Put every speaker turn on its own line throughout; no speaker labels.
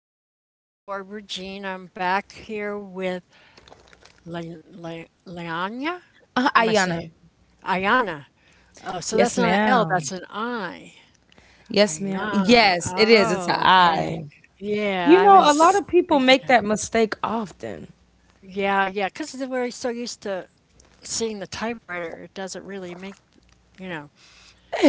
everybody. It's Barbara Jean. I'm back here with Leanya. Am I
Ayana.
saying Ayana? Oh, so
Yes,
that's not an L,
ma'am.
that's an I.
Yes, ma'am.
Ayana.
Yes, it is. It's an
Oh, okay.
I.
Yeah,
You
I
know, a lot
was
of people make
thinking of.
that mistake often.
Yeah, yeah, because we're so used to seeing the typewriter, it doesn't really make, you know.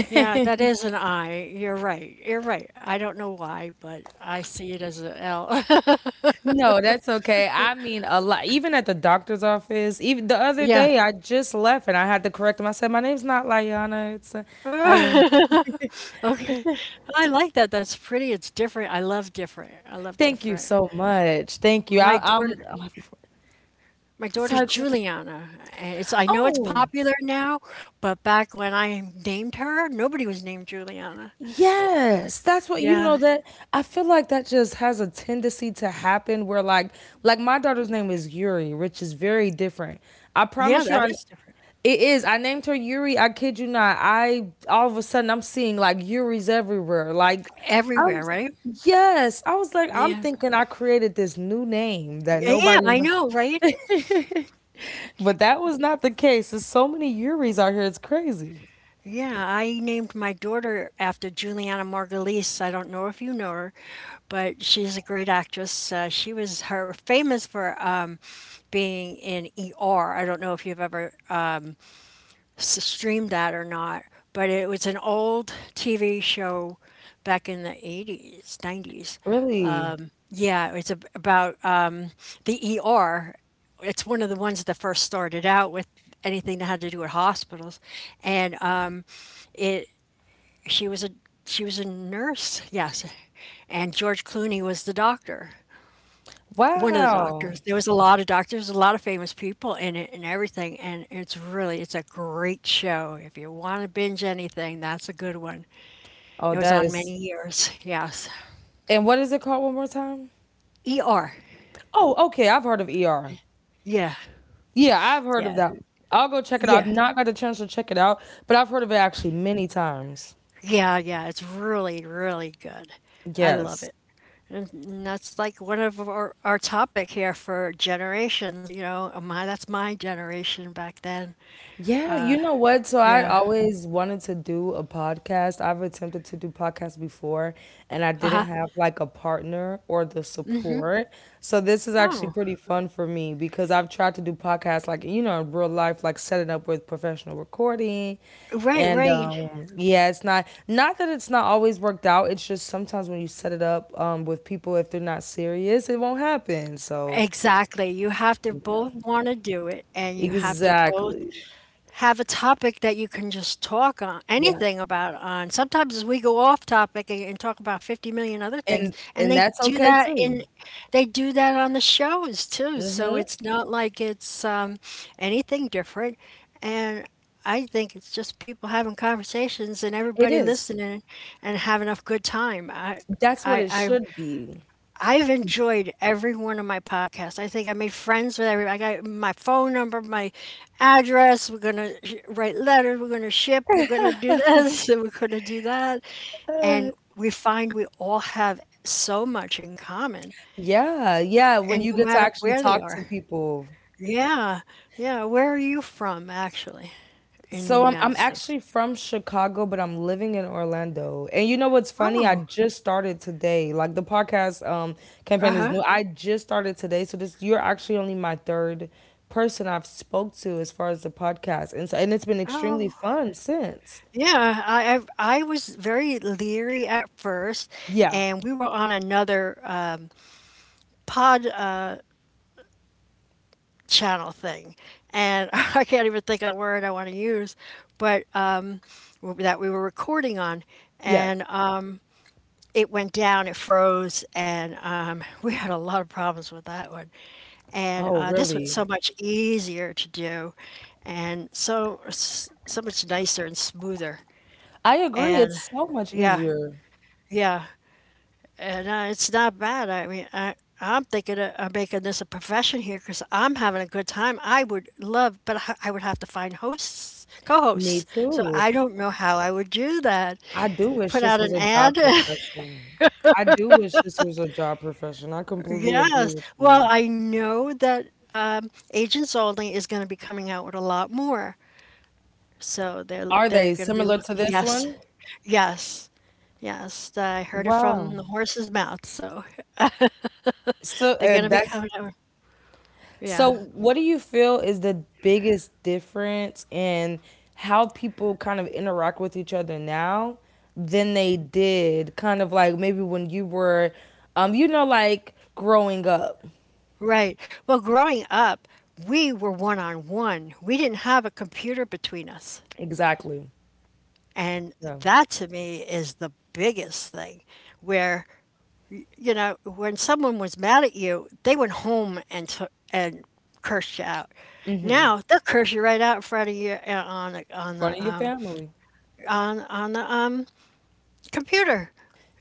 Yeah, that is an I. You're right. You're right. I don't know why, but I see it as an L.
No, that's okay. I mean, a lot. Even at the doctor's office, even the other
Yeah.
day, I just left and I had to correct him. I said, "My name's not Layana. It's Ayana."
Okay. I like that. That's pretty. It's different. I love different. I love
Thank you
different.
so much. Thank you.
My
I, I'm.
daughter,
Oh,
my daughter's
sorry. Gordon.
Juliana. And it's I know it's
Oh.
popular now, but back when I named her, nobody was named Juliana.
Yes, that's what you
Yeah.
know that I feel like that just has a tendency to happen where like my daughter's name is Yuri, which is very different. I
Yeah,
promise you, I
that is different.
it is. I named her Yuri. I kid you not. I All of a sudden I'm seeing like Yuri's everywhere. Like I am
Everywhere, right?
yes. I was like, I'm
Yeah.
thinking I created this new name that
Yeah, yeah,
nobody
I
knows.
know, right?
But that was not the case. There's so many Yuris out here. It's crazy.
Yeah, I named my daughter after Juliana Margulies. I don't know if you know her, but she's a great actress. She was her famous for being in ER. I don't know if you've ever streamed that or not, but it was an old TV show back in the 80s, 90s.
Really?
Yeah, it's about the ER. It's one of the ones that first started out with anything that had to do with hospitals, and it she was a she was a nurse, yes, and George Clooney was the doctor. One of the
Wow.
doctors. There was a lot of doctors, a lot of famous people in it and everything, and it's really it's a great show. If you wanna binge anything, that's a good one.
Oh,
It was
that
on
is
many years, yes.
and what is it called one more time?
ER.
Oh, okay. I've heard of ER.
Yeah,
Yeah, I've heard
yeah,
of that. I'll go check it
yeah,
out. I've not got the chance to check it out, but I've heard of it actually many times.
yeah, yeah, it's really, really good. I love
Yes.
it. And that's like one of our topic here for generations, you know, my that's my generation back then.
Yeah, you know what? So I
Yeah.
always wanted to do a podcast. I've attempted to do podcasts before and I
Uh-huh.
didn't have like a partner or the
Mhm.
support. So this is
Oh,
actually pretty fun for me because I've tried to do podcasts like, you know, in real life, like setting up with professional recording.
right,
And
right.
yeah, it's not that it's not always worked out. It's just sometimes when you set it up with people if they're not serious, it won't happen. So
Exactly. You have to
yeah.
both want to do it and you have to both
Exactly.
have a topic that you can just talk on
Yeah.
anything about on. Sometimes we go off topic and talk about 50 million other things and
And that's okay too.
they do that on the shows too. So it's not like it's anything different and I think it's just people having conversations and
It
everybody
is.
listening and having a good time.
That's
I
what it
I
should be.
I've enjoyed every one of my podcasts. I think I made friends with everybody. I got my phone number, my address. We're going to write letters. We're going to ship. We're going to do this. And we're going to do that. And we find we all have so much in common.
Yeah, yeah, when
And
you
no
get to
matter
actually
where they
talk
are.
to people.
Yeah. Yeah. Where are you from, actually, in the
So I'm
United States?
actually from Chicago, but I'm living in Orlando. And you know what's funny? I
Oh,
just started today. Like the podcast
uh
campaign is
huh.
new. I just started today, so this you're actually only my third person I've spoke to as far as the podcast. And so and it's been extremely
Oh,
fun since.
yeah. I was very leery at first,
Yeah.
and we were on another. Pod channel thing, and I can't even think of the word I want to use, but that we were recording on,
Yes.
and it went down, it froze, and we had a lot of problems with that one. And
Oh,
this one's
really?
so much easier to do, and so so much nicer and smoother,
I agree.
and
It's so much
yeah,
easier.
yeah, and it's not bad. I mean, I'm thinking of making this a profession here because I'm having a good time. I would love, but I would have to find hosts,
Me
co-hosts. So
too.
I don't know how I would do that.
I do wish
Put
this
out
was
an
a job
ad.
profession. I do wish this was a job profession. I completely agree
Yes.
with
Well,
you.
I know that Agents Only is going to be coming out with a lot more. So
Are
they're
they
going to be
similar to
looking.
this
Yes.
one?
Yes. Yes. I heard it
Wow.
from the horse's mouth. So
So
they're going to be
that's
coming out. Yeah.
so. What do you feel is the biggest difference in how people kind of interact with each other now than they did, kind of like maybe when you were, you know, like growing up?
Right. Well, growing up, we were one on one. We didn't have a computer between us.
Exactly.
And
Yeah.
that to me is the biggest thing where, you know, when someone was mad at you, they went home and, cursed you out.
In
Now they'll curse you right out in front of you on,
front of your family.
on the computer.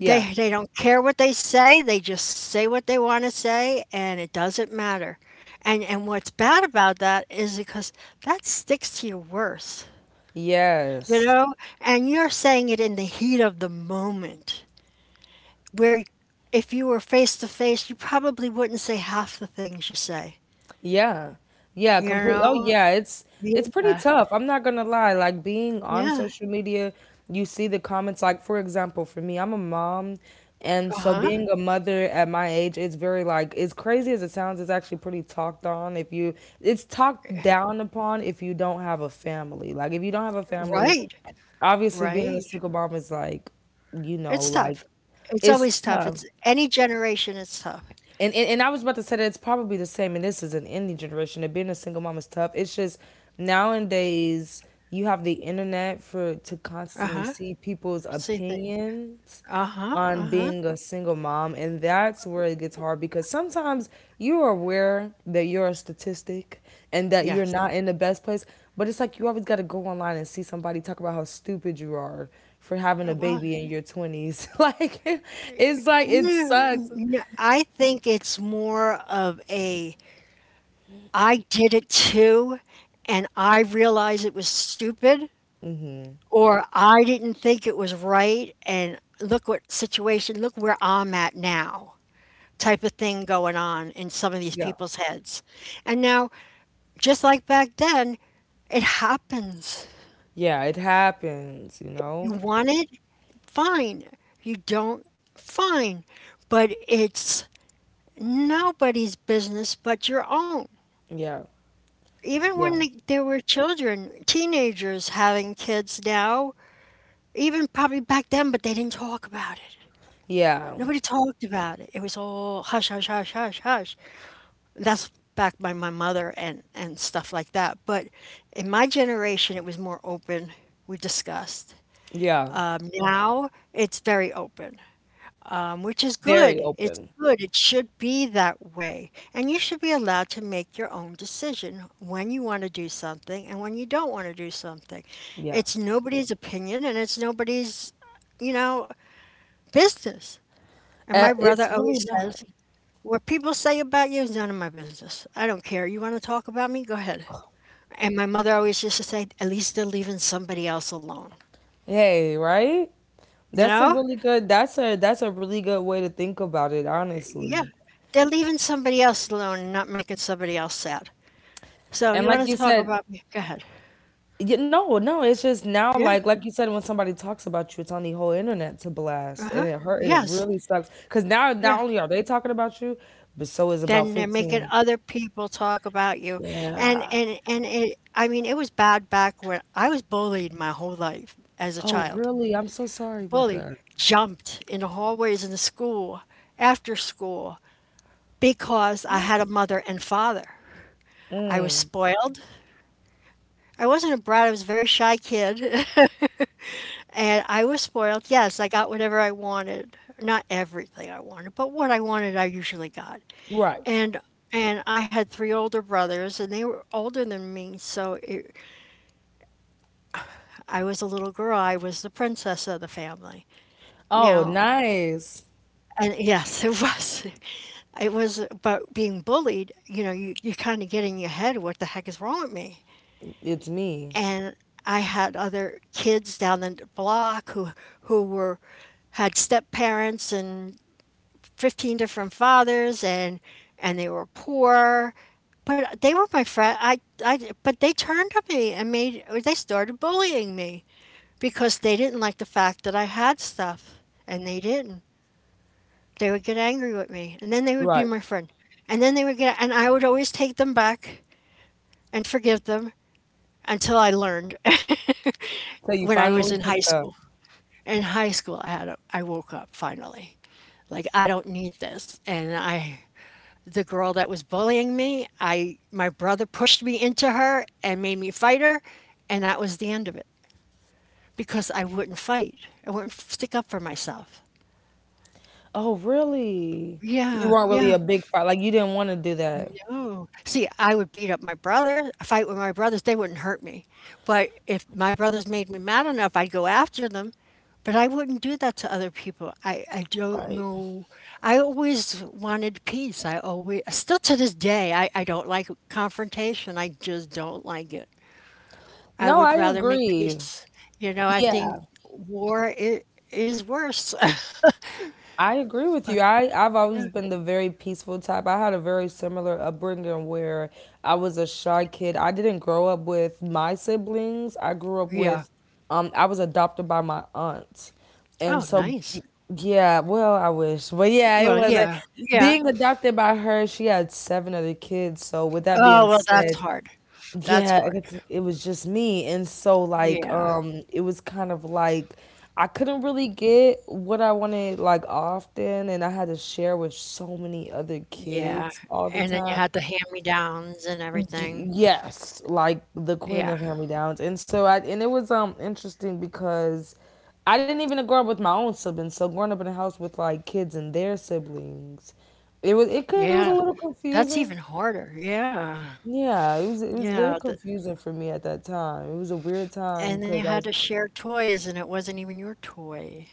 Yeah.
They don't care what they say. They just say what they want to say, and it doesn't matter. And what's bad about that is because that sticks to you worse, you
Yes.
know. And you're saying it in the heat of the moment, where if you were face to face, you probably wouldn't say half the things you say,
Yeah. Yeah,
you
completely. Oh
know.
yeah, it's pretty
Yeah,
tough. I'm not gonna lie. Like being on
yeah.
social media, you see the comments. Like for example, for me, I'm a mom, and
Uh
so
huh.
being a mother at my age, it's very like as crazy as it sounds. It's actually pretty talked on. If you, it's talked down upon if you don't have a family. Like if you don't have a family,
Right,
obviously being a
right.
single mom is like, you know,
It's
like
tough. It's
it's
always tough.
tough.
It's any generation. It's tough.
And I was about to say that it's probably the same, and this is an indie generation. And being a single mom is tough. It's just nowadays you have the internet for to
Uh
constantly
huh.
see people's
See.
opinions
Uh-huh,
on
uh-huh.
being a single mom, and that's where it gets
W
hard because sometimes you are aware that you're a statistic and that you're
Yes.
not in the best place, but it's like you always got to go online and see somebody talk about how stupid you are for having a
Well,
baby in your 20s. like it's like it sucks.
no, I think it's more of a I did it too, and I realized it was stupid,"
Mm-hmm.
or, "I didn't think it was right, and look what situation look where I'm at now," type of thing going on in some of these
Yeah.
people's heads. And now, just like back then, it happens.
Yeah, it happens, you
You
know?
want it? Fine. You don't? Fine. But it's nobody's business but your own.
Yeah,
Even
yeah,
when there were children, teenagers having kids now, even probably back then, but they didn't talk about it.
yeah,
Nobody talked about it. It was all hush, hush, hush, hush, hush. That's back by my mother and stuff like that. But in my generation, it was more open. We discussed.
yeah.
Now it's very open. Which is
Very
good. It's
open.
good. It should be that way. And you should be allowed to make your own decision when you want to do something and when you don't want to do something.
Yeah.
It's nobody's opinion and it's nobody's, you know, business. And my brother
It's really
always
not.
says, What people say about you is none of my business. I don't care. You want to talk about me? Go ahead. And my mother always used to say, At least they're leaving somebody else alone.
Hey, right?
You
That's a
know?
really good that's a that's a really good way to think about it,
Yeah.
honestly.
They're leaving somebody else alone and not making somebody else sad. So
And
you want
like
to
you
talk
said,
about me? Go ahead.
no, no, it's just now
Yeah.
like you said when somebody talks about you, it's on the whole internet to blast
Uh
and
huh.
it hurt and it
Yes.
really sucks cuz now not
Yeah.
only are they talking about you, but so is about
Then they're making
15.
other people talk about you, and
Yeah.
and and it. I mean, it was bad back when I was bullied my whole life as a
Oh,
child.
really? I'm so sorry about
Bullied,
that.
jumped in the hallways in the school, after school, because I had a mother and father. I was
Mm,
spoiled. I wasn't a brat. I was a very shy kid. And I was spoiled. Yes, I got whatever I wanted. Not everything I wanted, but what I wanted I usually got.
right.
And I had three older brothers and they were older than me, so I was a little girl. I was the princess of the family.
Oh,
Now,
nice.
and yes, it was. It was about being bullied. You know, you kind of get in your head, what the heck is wrong with me?
It's me.
And I had other kids down the block who were had step parents and 15 different fathers and they were poor but they were my friend I but they turned on me and made or they started bullying me because they didn't like the fact that I had stuff and they didn't they would get angry with me and then they would be
Right.
my friend and then they would get and I would always take them back and forgive them until I learned
So you
when I was
finally
in high
picked up.
school I had a, I woke up finally like I don't need this and I the girl that was bullying me. I My brother pushed me into her and made me fight her, and that was the end of it because I wouldn't fight. I wouldn't stick up for myself.
Oh, really? You
Yeah,
weren't really
yeah.
a big fight. Like you didn't want to do that.
No. See, I would beat up my brother, fight with my brothers. They wouldn't hurt me. But if my brothers made me mad enough, I'd go after them. But I wouldn't do that to other people. I don't
Right.
know. I always wanted peace. I always, still to this day, I don't like confrontation. I just don't like it. I
No,
would
I
rather make
agree.
peace. You know, I think
Yeah.
war I is worse.
I agree with
But
you. I've always been the very peaceful type. I had a very similar upbringing where I was a shy kid. I didn't grow up with my siblings. I grew up
yeah.
with, I was adopted by my aunt. And
Oh,
so,
nice.
yeah, well, I wish. But yeah,
Well, yeah, yeah.
being adopted by her, she had seven other kids. So, with that being
Oh, well, that's
said,
hard. That's
yeah, I
hard.
guess it was just me and so like
Yeah,
it was kind of like I couldn't really get what I wanted like often and I had to share with so many other
yeah.
kids all the
And then you
time.
had the hand-me-downs and
Y-
everything.
yes, like the queen
Yeah,
of hand-me-downs and so I and it was interesting because I didn't even grow up with my own siblings so growing up in a house with like kids and their siblings it was a
yeah.
little
That's
confusing.
even harder. Yeah,
Yeah, it was very
yeah.
confusing for me at that time. It was a weird time
And then you
because
had
I
to share toys, and it wasn't even your toy.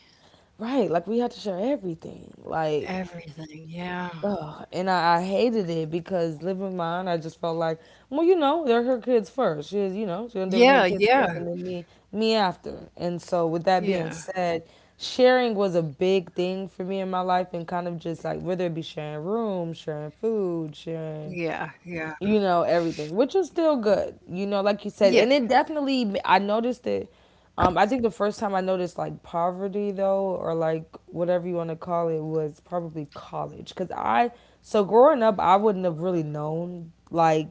right, like we had to share everything. Like
Everything. Yeah.
ugh, and I hated it because living with my aunt, I just felt like, well, you know, they're her kids first. She's, you know, she's gonna deal with her
Yeah,
kids first
yeah,
and then me after. And so with that being
yeah,
said, sharing was a big thing for me in my life and kind of just like whether it be sharing rooms, sharing food, sharing
yeah, yeah.
you know everything which is still good you know like you said
Yeah.
and it definitely I noticed it. I think the first time I noticed like poverty though or like whatever you want to call it was probably college because I so growing up I wouldn't have really known like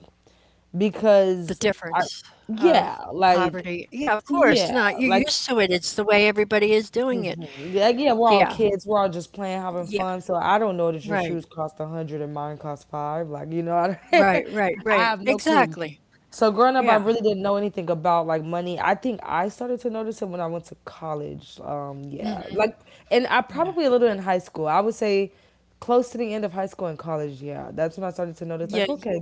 The
because I
difference of
yeah like
poverty. Yeah, of course
yeah
not. You're
like
used to it. It's the way everybody is doing it.
mhm. Like yeah, we're all
Yeah,
kids, we're all just playing having
yeah.
fun so I don't know that your
Right,
shoes cost a hundred and mine cost five, like you know.
right,
I
right, right.
have no clue.
Exactly.
So growing up, I
Yeah.
really didn't know anything about like money. I think I started to notice it when I went to college. Yeah,
Mhm.
like, and I
Yeah.
probably a little in high school. I would say close to the end of high school and college. Yeah, that's when I started to notice
Yeah,
like,
y
okay,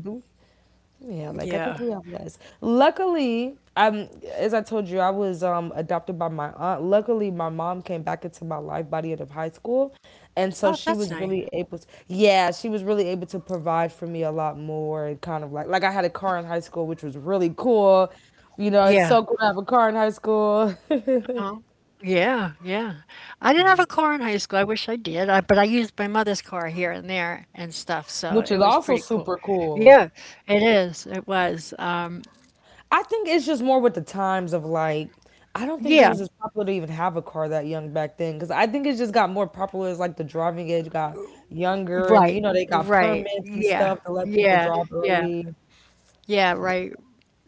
yeah, like I think
Yeah.
we have less. Luckily, as I told you, I was adopted by my aunt. Luckily, my mom came back into my life by the end of high school, and so
Oh,
she
that's
was
nice.
really able to. Yeah, she was really able to provide for me a lot more, and kind of like I had a car in high school, which was really cool. You know, it's
Yeah.
so cool to have a car in high school,
uh Yeah, yeah. I didn't have a car in high school. I wish I did, I but I used my mother's car here and there and stuff, so
which
it
is
was
also
pretty cool.
super cool.
Yeah, it is. It was.
I think it's just more with the times of like, I don't think it
Yeah.
was as popular to even have a car that young back then because I think it just got more popular as like the driving age got younger and you
Right,
know they got
right.
permits and
Yeah,
stuff to let people
yeah,
drive
yeah,
early.
yeah, right.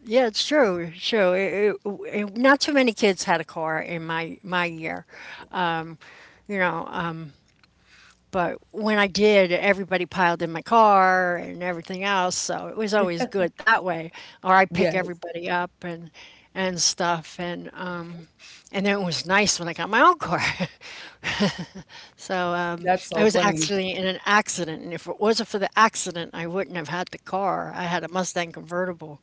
Yeah, it's true. It's true. Not too many kids had a car in my year. Um, you know, um, but when I did, everybody piled in my car and everything else, so it was always good that way. Or I pick
Yes,
everybody up and stuff, and then it was nice when I got my own car. So,
that's
I
so
was
funny.
actually in an accident, and if it wasn't for the accident, I wouldn't have had the car. I had a Mustang convertible,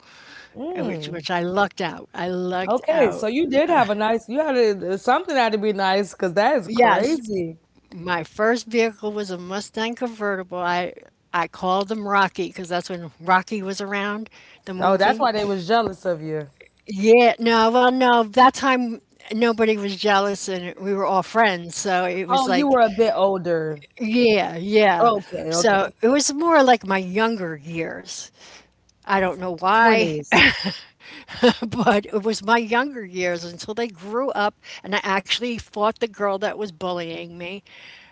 which
Mm,
which I lucked out. I lucked
okay, so
out.
you did have a nice, you had a, something had to be nice because that is
Yes,
crazy.
my first vehicle was a Mustang convertible. I called them Rocky because that's when Rocky was around, the
Oh, that's
movie.
why they was jealous of you.
Yeah, no, well, no, that time nobody was jealous and we were all friends. So it was
Oh, you
like,
were a bit older.
yeah, yeah.
Okay,
So
okay,
it was more like my younger years. I don't know why,
twenties.
but it was my younger years until they grew up and I actually fought the girl that was bullying me.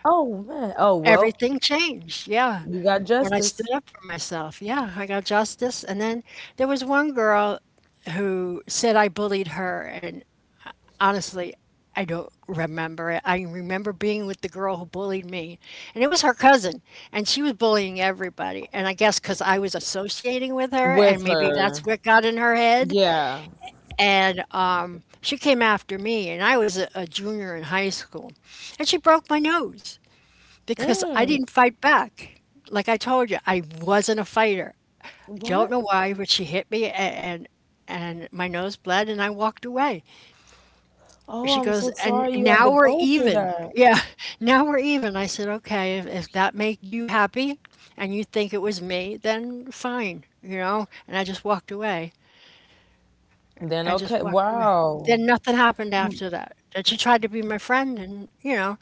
Oh man. Oh well,
Everything changed. Yeah.
you got
When I stood
justice.
up for myself, yeah, I got justice. And then there was one girl who said I bullied her. And honestly, I don't remember it. I remember being with the girl who bullied me, and it was her cousin, and she was bullying everybody. And I guess because I was associating with her,
With
and maybe
her.
that's what got in her head.
Yeah.
And she came after me, and I was a junior in high school. And she broke my nose because I
Mm,
didn't fight back. Like I told you, I wasn't a fighter. I don't
what?
know why, but she hit me, and my nose bled, and I walked away.
Oh,
She
I'm
goes,
so
and
sorry you had to
now we're
go through
even.
that.
Yeah, now we're even. I said, okay, if that made you happy, and you think it was me, then fine, you know. And I just walked away.
Then
I just
okay,
walked away. Then
wow.
nothing happened after that. That she tried to be my friend, and you know,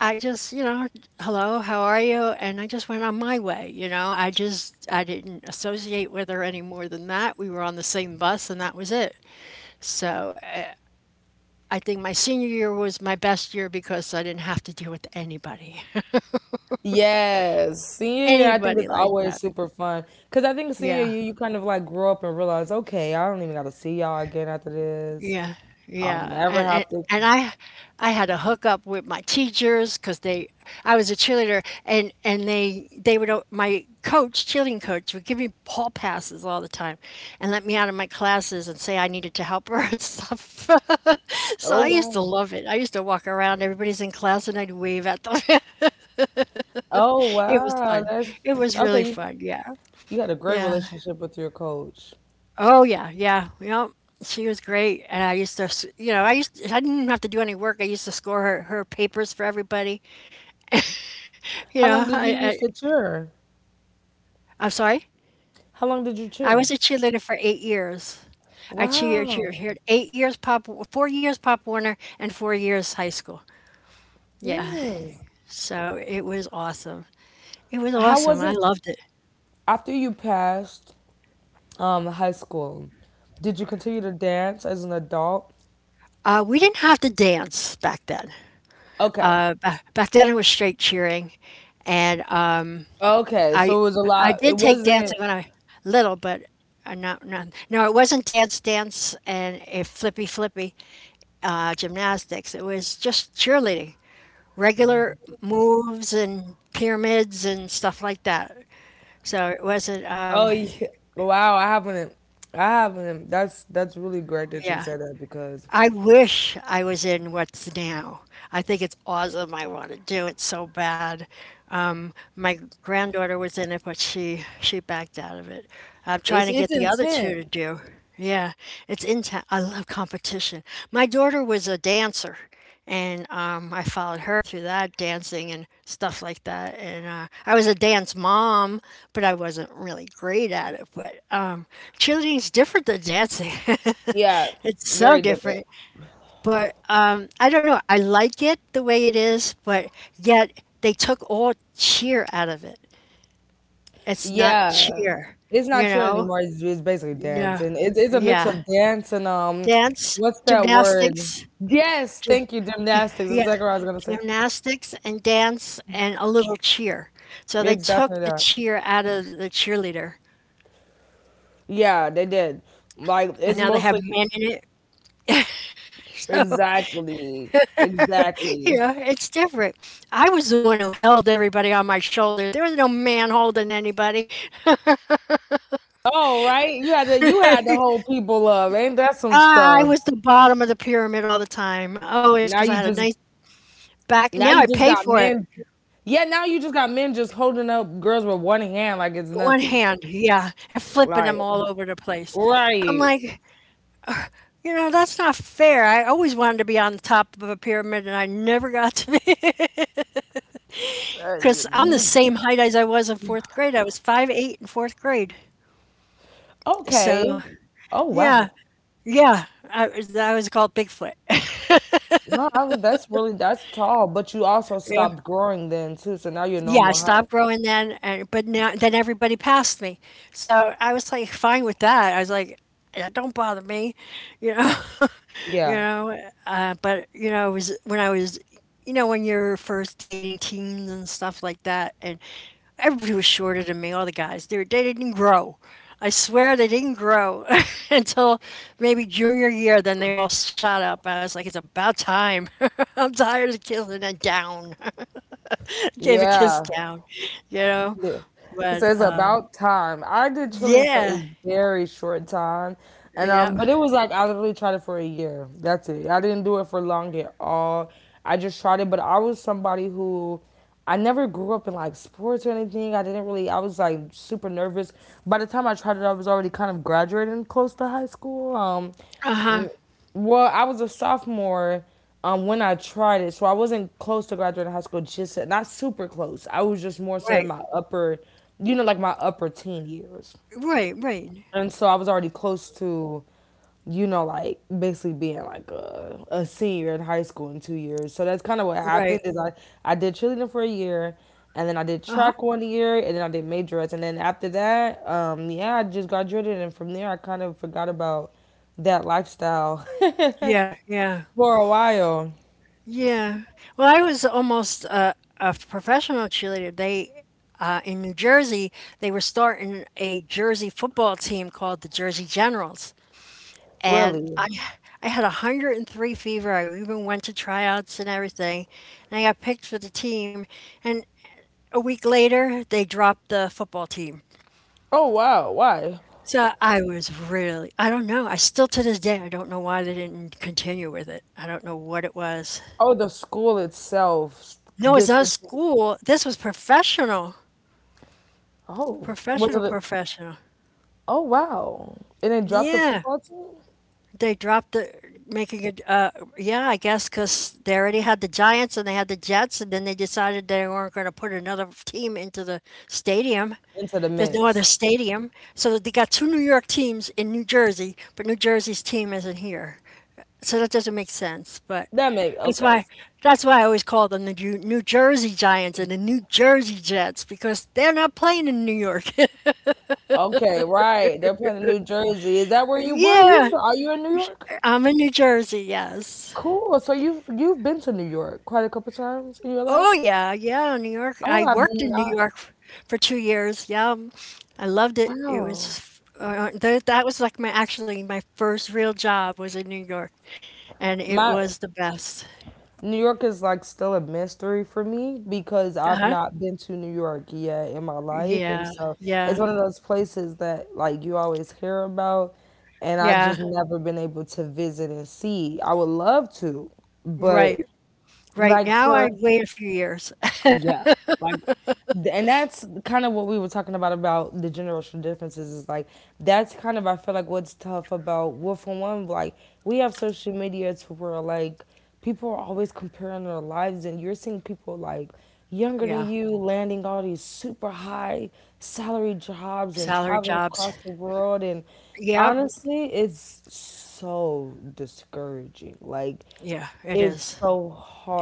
I just, you know, hello, how are you? And I just went on my way. I didn't associate with her any more than that. We were on the same bus, and that was it. So I think my senior year was my best year because I didn't have to deal with anybody,
Yes, senior year I think is
anybody like
always
that.
super fun because I think senior
Yeah.
year you kind of like grow up and realize okay I don't even got to see y'all again after this.
Yeah,
I'll
yeah,
never
and and
have to.
and I had a hookup with my teachers because I was a cheerleader, and they would my coach, cheerleading coach, would give me hall passes all the time, and let me out of my classes and say I needed to help her and stuff. So
Oh
I used to
wow.
love it. I used to walk around, everybody's in class, and I'd wave at them.
Oh
It was
wow.
fun.
That's
It was
okay.
really
You,
fun. Yeah,
you had a great
yeah.
relationship with your coach.
Oh yeah, yeah. You know, she was great, and I used I didn't even have to do any work. I used to score her papers for everybody. You
How
know,
long did
I,
you used to
I
cheer?
I'm sorry.
How long did you
I
cheer?
was a cheerleader for 8 years. I cheer
Wow.
cheer cheered 8 years pop, 4 years Pop Warner, and 4 years high school. Yeah,
Mm.
so it was awesome. It was
How
awesome.
was
I
it
loved it.
after you passed high school? Did you continue to dance as an adult?
We didn't have to dance back then.
Okay.
Back then it was straight cheering, and
Okay,
I
so it was a
I
lot.
did
It
take
wasn't.
dancing when I little, but not not no, it wasn't dance and a flippy gymnastics. It was just cheerleading, regular moves and pyramids and stuff like that. So it wasn't.
Oh, yeah. Wow, I haven't. I haven't. That's really great that you
Yeah,
said that because
I wish I was in what's now. I think it's awesome. I want to do it so bad. My granddaughter was in it, but she backed out of it. I'm trying
it's
to
it's
get the other two
intense.
to do. Yeah, it's in town. I love competition. My daughter was a dancer, and I followed her through that dancing and stuff like that. And I was a dance mom, but I wasn't really great at it. But cheerleading's different than dancing.
Yeah,
It's so
very different.
different. But I don't know. I like it the way it is, but yet they took all cheer out of it. It's not
Yeah,
cheer,
it's
you
not chill
know?
anymore. It's basically dance,
No.
and it's a mix
Yeah.
of dance and
Dance,
what's that word?
gymnastics,
Yes,
gy-
thank you, gymnastics. That's
yeah,
exactly what I was gonna say.
gymnastics and dance and a little cheer. So they
It's definitely
took the
that.
cheer out of the cheerleader.
Yeah, they did. Like
And
it's
now they have
mostly
men in it.
exactly, exactly.
Yeah, it's different. I was the one who held everybody on my shoulders. There was no man holding anybody.
Oh, right. You had to hold people up. Ain't that some
I
stuff?
was the bottom of the pyramid all the time, always,
Now
because I
you
had a
just
nice back.
now
Now
you
I
just
pay
got
for it.
men. Yeah, now you just got men just holding up girls with one hand like it's
One
nothing.
hand, yeah, and flipping
Like
them all over the place. I'm
right.
like, you know, that's not fair. I always wanted to be on the top of a pyramid, and I never got to be
Uh,
because I'm the
you-
same height as I was in fourth grade. I was 5'8" in fourth grade. So
okay. Oh
yeah,
wow.
yeah, I was called Bigfoot.
No, I was, that's really that's tall, but you also
Yeah,
stopped growing then too, so now you're
yeah, I
normal height.
stopped growing then, and but now then everybody passed me, so I was like fine with that. I was like, that don't bother me, you know.
Yeah.
You
Yeah.
know, but you know, it was when I was, you know, when you're first dating teens and stuff like that, and everybody was shorter than me. All the guys, they didn't grow. I swear they didn't grow until maybe junior year. Then they all shot up. I was like, it's about time. I'm tired of kissing it down. Gave a
Yeah.
kiss down, you know.
Yeah. It
But
says about time. I did Trillium for
yeah,
a very short time. And
yeah,
um but it was like I literally tried it for a year. That's it. I didn't do it for long at all. I just tried it, but I was somebody who I never grew up in like sports or anything. I didn't really I was like super nervous. By the time I tried it, I was already kind of graduating close to high school.
uh huh,
Well, I was a sophomore when I tried it, so I wasn't close to graduating high school. Just not super close. I was just more so
right,
in my upper, you know, like my upper teen years,
right, right,
and so I was already close to, you know, like basically being like a senior in high school in 2 years. So that's kind of what happened.
right,
Is I did cheerleading for a year, and then I did
uh huh,
track 1 year, and then I did majorettes, and then after that, yeah, I just graduated, and from there I kind of forgot about that lifestyle.
yeah, yeah.
For a while,
Yeah. Well, I was almost a professional cheerleader. They in New Jersey, they were starting a Jersey football team called the Jersey Generals, and
really.
I had a 103 fever. I even went to tryouts and everything, and I got picked for the team. And a week later, they dropped the football team.
Oh wow, why?
So I was really, I don't know. I still to this day, I don't know why they didn't continue with it. I don't know what it was.
Oh, the school itself
No, it's not a
discontinued.
school. This was professional.
Oh, was it?
Professional, professional.
Oh wow, and it dropped the
Yeah,
football team
they dropped the making a. Yeah, I guess because they already had the Giants and they had the Jets, and then they decided they weren't going to put another team into the stadium.
into the
There's no other
mix.
stadium, so they got two New York teams in New Jersey, but New Jersey's team isn't here, so that doesn't make sense. But
That make
that's
okay,
why that's why I always call them the New Jersey Giants and the New Jersey Jets because they're not playing in New York.
okay, right? They're playing in New Jersey. Is that where you were? You
Yeah,
from? Are you in New York?
I'm in New Jersey. Yes.
Cool. So you've been to New York quite a couple times in your
Oh,
life.
yeah, yeah, New York.
Oh,
I
I've
worked in New
not.
York for 2 years. Yeah, I loved it. It
Wow.
was that was like my actually my first real job was in New York, and it
My
was the best.
New York is like still a mystery for me because I've
Uh-huh.
not been to New York yet in my life. And
Yeah,
so it's
yeah,
one of those places that like you always hear about and I've
yeah.
just never been able to visit and see. I would love to,
Right.
but
Right
like
now, I
for
wait a few years.
And that's kind of what we were talking about the generational differences is like that's kind of I feel like what's tough about well for one like we have social media to where like people are always comparing their lives and you're seeing people like younger than
Yeah,
you landing all these super high salary jobs and
salary
traveling
jobs.
across the world and
Yep.
honestly it's so discouraging like
Yeah, it
it's
is.
so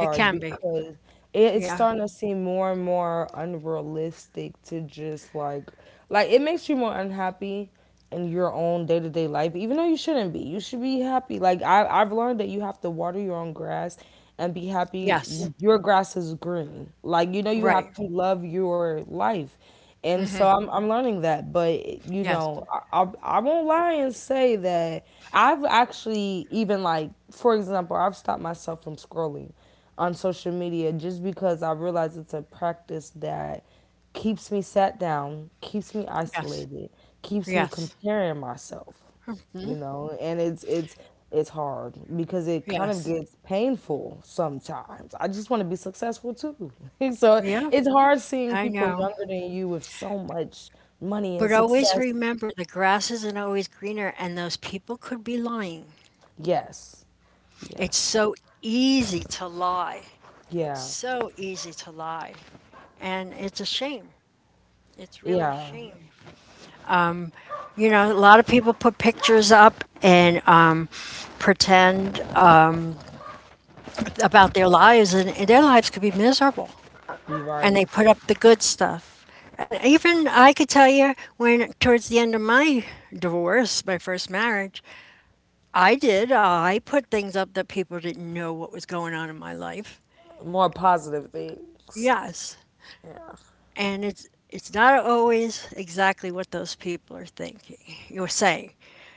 It can be.
because it's
Yeah.
starting to seem more and more unrealistic to just like it makes you more unhappy in your own day to day life, even though you shouldn't be. You should be happy. Like I've learned that you have to water your own grass and be happy
Yes.
your grass is green. Like you know you
Right.
have to love your life and so
Hmm.
I'm learning that. But you
Yes.
know, I won't lie and say that I've actually even like for example, I've stopped myself from scrolling on social media just because I realize it's a practice that keeps me sat down, keeps me
Yes.
isolated, keeps me
Yes.
comparing myself
Hmm.
you know and it's it's hard because it kind of
Yes.
gets painful sometimes I just want to be successful too so
Yeah.
it's hard seeing
I
people
know.
younger than you with so much money and
But always
success
remember the grass isn't always greener, and those people could be lying.
yes
It's
yes
so easy to lie.
yeah
So easy to lie. And it's a shame. It's really a
yeah
shame. You know, a lot of people put pictures up and pretend about their lives, and their lives could be miserable.
you're
And they
right
put up the good stuff. And even I could tell you when, towards the end of my divorce, my first marriage, I did. I put things up that people didn't know what was going on in my life.
more positive things
Yes.
yeah
And it's not always exactly what those people are thinking. You're saying.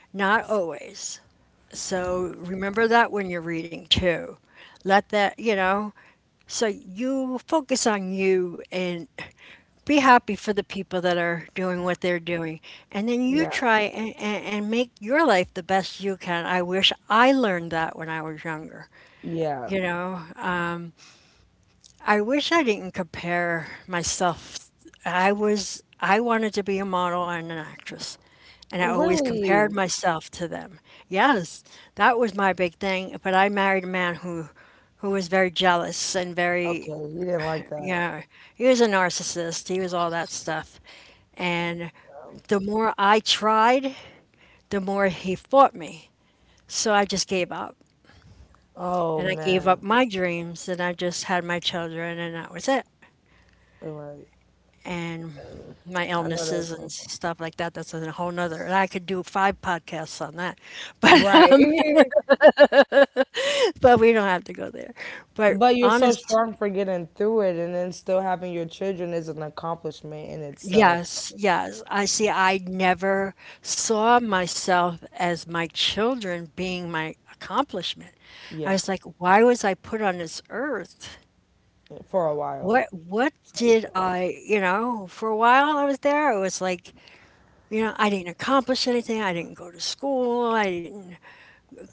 Not always. So remember that when you're reading too. Let that, you know, so you focus on you and be happy for the people that are doing what they're doing. And then you
yeah
try and make your life the best you can. I wish I learned that when I was younger.
yeah
You know, I wish I didn't compare myself. I was, I wanted to be a model and an actress, and I always compared
really
myself to them. Yes, that was my big thing. But I married a man who was very jealous and
okay
very,
you didn't like that
yeah, he was a narcissist. He was all that stuff, and
um,
the more I tried, the more he fought me. So I just gave up.
oh
And I gave
man
up my dreams and I just had my children and that was it.
right
And
um,
my
I know that's
illnesses
my
and
fault.
stuff like that. That's a whole nother, and I could do 5 podcasts on that, but
Right.
but we don't have to go there. But
But you're so
honest,
strong for getting through it and then still having your children is an accomplishment in itself. So,
yes, yes. I see. I never saw myself as my children being my accomplishment. I
yeah,
was like, why was I put on this earth?
for a while.
What
That's how you
did
feel.
I, for a while I was there, it was like, you know, I didn't accomplish anything. I didn't go to school. I didn't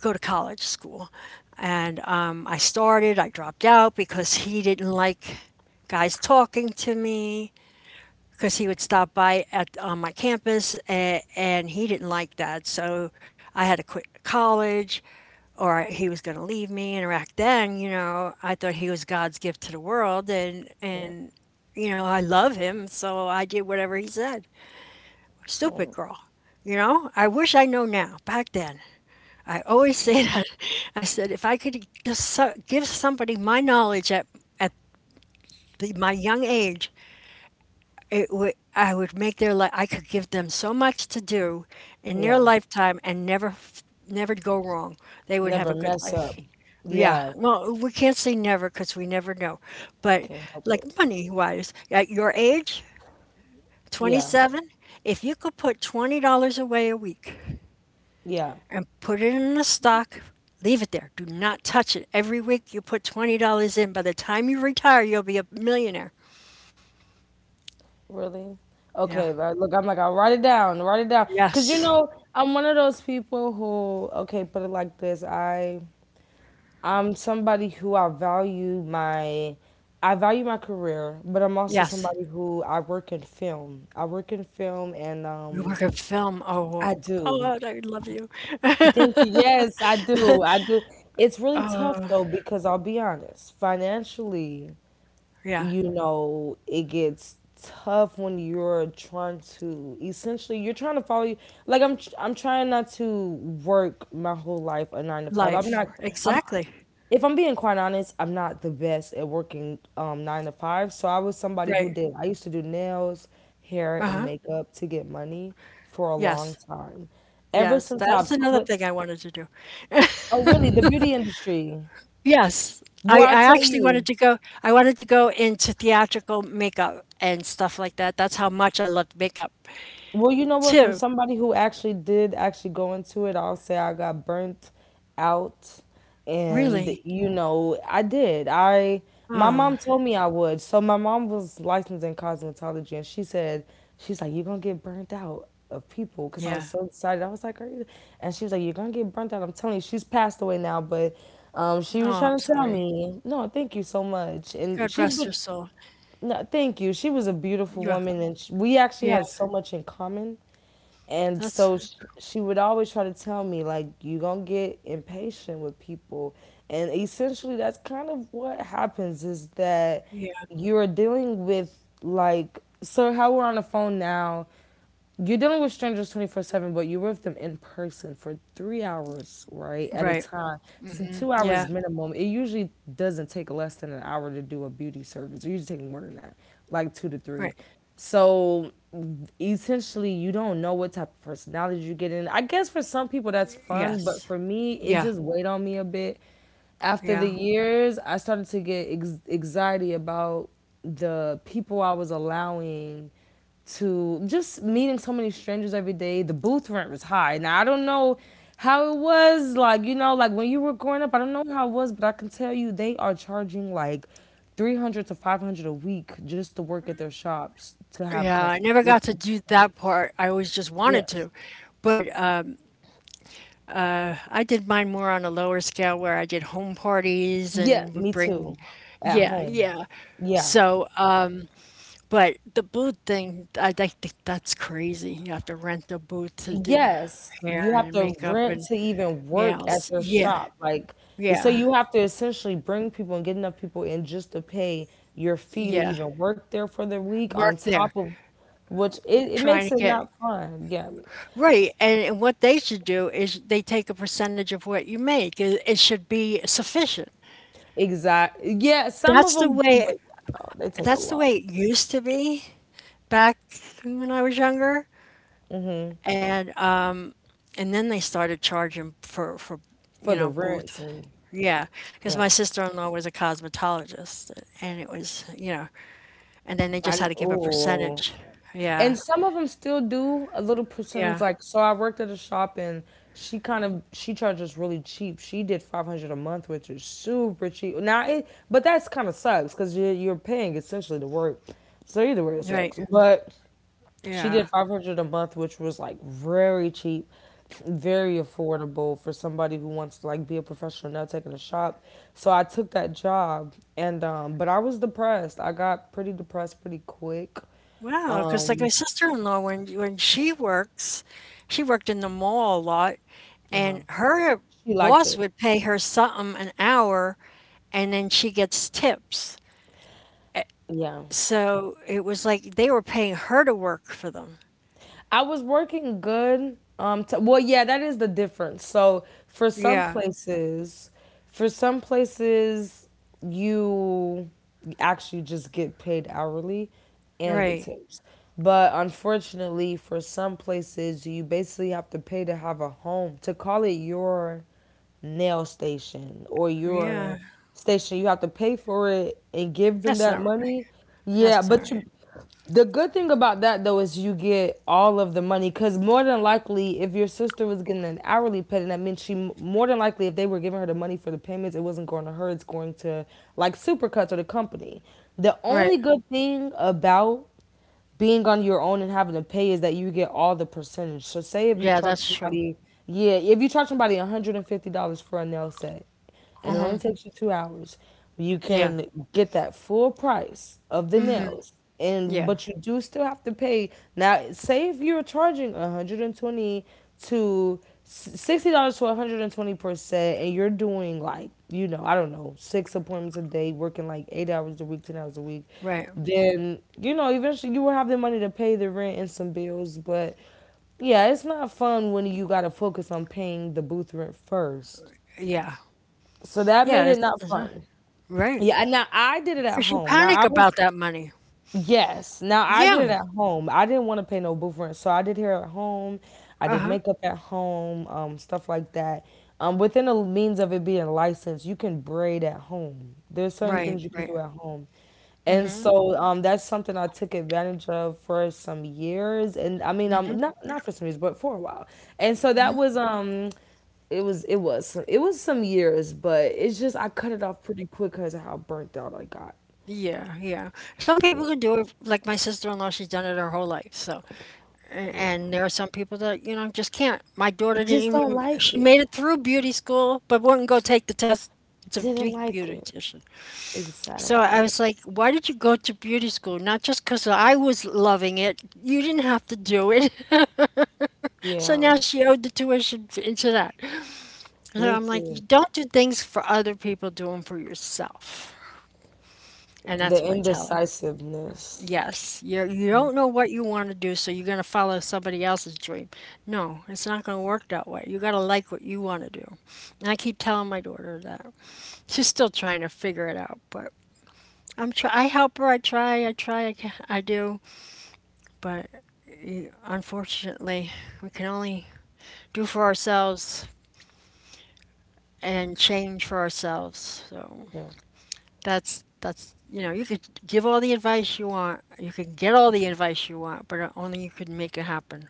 go to college school. And I dropped out because he didn't like guys talking to me because he would stop by at on my campus and he didn't like that. So I had to quit college or he was going to leave me. And back then, you know, I thought he was God's gift to the world and,
Yeah.
and, you know, I love him. So I did whatever he said. Stupid
Mm.
girl. You know, I wish I know now. Back then, I always say that. I said, if I could just give somebody my knowledge at the, my young age, it would I would make their life. I could give them so much to do in their
Yeah.
lifetime and never go wrong. They would have a
Never
good
mess
life.
up.
Yeah.
Yeah.
Well, we can't say never because we never know. But
Can't help it.
like money wise, at your age,
Yeah.
27, if you could put $20 away a week.
Yeah.
And put it in a stock. Leave it there. Do not touch it. Every week you put $20 in. By the time you retire, you'll be a millionaire.
Really?
Yeah.
Okay. Like, look, I'm like, I'll write it down. Write it down. Because, you
Yes.
know, I'm one of those people who, okay, put it like this. I. I'm somebody who I value my career, but I'm also
Yes.
somebody who I work in film. I work in film and
We
um
work in film. Oh,
I do.
God, I love you.
Thank you. Yes, I do. I do. It's really
Uh,
tough though because I'll be honest, financially,
yeah.
you know, it gets tough when you're trying to essentially you're trying to follow you like I'm trying not to work my whole life a 9 to 5. I'm
Life.
not I'm
Exactly.
If I'm being quite honest, I'm not the best at working nine to five. So I was somebody who
Right.
did. I used to do nails, hair, and
Uh-huh.
makeup to get money for a long
Yes.
time. Ever
Yes.
since
That's
I've
another
quit,
thing I wanted to do.
oh really, the beauty industry.
Yes.
Boy, I
I
tell
actually wanted
you,
to go I wanted to go into theatrical makeup and stuff like that. That's how much I loved makeup
well, you know what? From
too.
somebody who actually did actually go into it, I'll say I got burnt out, and
Really?
you know I did. I my mom
Oh.
told me I would. So my mom was licensed in cosmetology, and she said she's like you're gonna get burnt out of people because I was
Yeah.
so excited. I was like, are you? And she was like, you're gonna get burnt out. I'm telling you, she's passed away now, but she was
Oh, I'm
trying to tell
sorry.
me, no, thank you so much, and
God
she
rest your
would
soul.
no, thank you. She was a beautiful
Yeah,
woman, and sh we actually
yeah,
had so much in common. And
that's
so sh she would always try to tell me, like, you gonna get impatient with people. And essentially, that's kind of what happens is that
yeah,
you're dealing with, like, so how we're on the phone now you're dealing with strangers 24/7, but you're with them in person for 3 hours, right? At a
right.
time. So 2
Yeah,
hours minimum. It usually doesn't take less than an hour to do a beauty service. It usually takes more than that, like 2 to
right.
3. So essentially, you don't know what type of personality you get in. I guess for some people that's fun,
Yes.
but for me, it
Yeah,
just weighed on me a bit after the
yeah.
years, I started to get anxiety about the people I was allowing to just meeting so many strangers every day. The booth rent was high. Now I don't know how it was like you know like when you were growing up. I don't know how it was, but I can tell you they are charging like 300 to 500 a week just to work at their shops to have
Yeah,
customers.
I never
It's,
got to do that part. I always just
yeah,
wanted to. But, I did mine more on a lower scale where I did home parties
yeah,
and would
me too.
bring.
At
Yeah,
home,
yeah.
yeah.
So, but the booth thing, I think that's crazy. You have to rent a booth to do
Yes,
hair
you have
and
to
makeup
rent
and
to even work at
nails.
their
Yeah,
shop. Like, so
yeah.
you have to essentially bring people and get enough people in just to pay your fee to
Yeah,
even work there for the week on
work there,
top of which it
trying
makes
to
it
get
not fun. Yeah,
right. And what they should do is they take a percentage of what you make. It should be sufficient.
exactly. Yeah, some of
That's the
them do,
way.
but yeah, no, they take a
That's the
lot
way it used to be back when I was younger. And um, and then they started charging for
for
you
the
know booth.
rents and
Yeah, because my
yeah.
sister-in-law was a cosmetologist, and it was you know, and then they just had
I
to give a
oh.
percentage. Yeah,
And some of them still do a little percentage.
yeah,
Like, so I worked at a shop and she kind of she charges really cheap. She did 500 a month, which is super cheap. Now, it but that's kind of sucks because you're paying essentially to work. So either way, it
right,
sucks. But she did
yeah.
500 a month, which was like very cheap, very affordable for somebody who wants to like be a professional now taking a shop. So I took that job and but I was depressed. I got pretty depressed pretty quick.
Wow, because like my sister-in-law, when she works, she worked in the mall a lot, and her
She liked
boss
it.
would pay her something an hour, and then she gets tips.
Yeah.
So it was like they were paying her to work for them.
I was working good. Well, yeah, that is the difference. So
Yeah,
for some places, you actually just get paid hourly and the
right.
tips. But unfortunately, for some places, you basically have to pay to have a home. To call it your nail station or your
Yeah,
station, you have to pay for it and give them
that's
that
not
money. Yeah,
that's not
but
right.
you the good thing about that though is you get all of the money because more than likely, if your sister was getting an hourly pay, then that means she more than likely, if they were giving her the money for the payments, it wasn't going to her. It's going to like Supercuts or the company. The
Right.
only good thing about being on your own and having to pay is that you get all the percentage. So say if you
Yeah,
charge
that's true.
somebody, yeah, if you charge somebody $150 for a nail set and it only
Hmm.
takes you 2 hours, you
Yeah.
can get that full price of the
Hmm.
nails. And
Yeah.
but you do still have to pay. Now, say if you're charging 120 to $60 to 120% and 20%, and you're doing like, I don't know, 6 appointments a day, working like 8 hours a week, 10 hours a week,
Right.
then eventually you will have the money to pay the rent and some bills. But yeah, it's not fun when you got to focus on paying the booth rent first,
Yeah.
so that
Yeah.
made it
It's
not
uh-huh.
fun.
Right.
Yeah, and now I did it at
'Cause you
home now
panic
I was
about that money.
yes, now I did
Yeah.
it at home. I didn't want to pay no booth rent, so I did hair at home. I did
Uh-huh.
makeup at home, stuff like that. Within the means of it being licensed, you can braid at home. There's certain
Right,
things you can
right.
do at home. And
Mhm,
so that's something I took advantage of for some years. And I mean,
mhm,
not for some years, but for a while. And so that
mhm.
was it was it was some years, but it's just I cut it off pretty quick because of how burnt out I got.
Yeah, yeah. Some people can do it, like my sister-in-law, she's done it her whole life. So,
Yeah,
and there are some people that, you know, just can't. My
I
daughter
just
didn't
don't
even,
like
she
it.
made it through beauty school, but wouldn't go take the test to be
Didn't
a
like it,
beautician. So I
exactly.
was like, why did you go to beauty school? Not just because I was loving it. You didn't have to do it. So
Yeah,
now she owed the tuition into that. So
me
I'm like, you
too.
don't do things for other people, do them for yourself. And that's
The
what I tell her.
indecisiveness.
Yes, you don't know what you want to do, so you're going to follow somebody else's dream. No, it's not going to work that way. You got to like what you want to do. And I keep telling my daughter that. She's still trying to figure it out, but I help her, I try, I try, I, ca- I do, but unfortunately, we can only do for ourselves and change for ourselves. So
Yeah.
that's you know you could give all the advice you want, you could get all the advice you want, but only you could make it happen.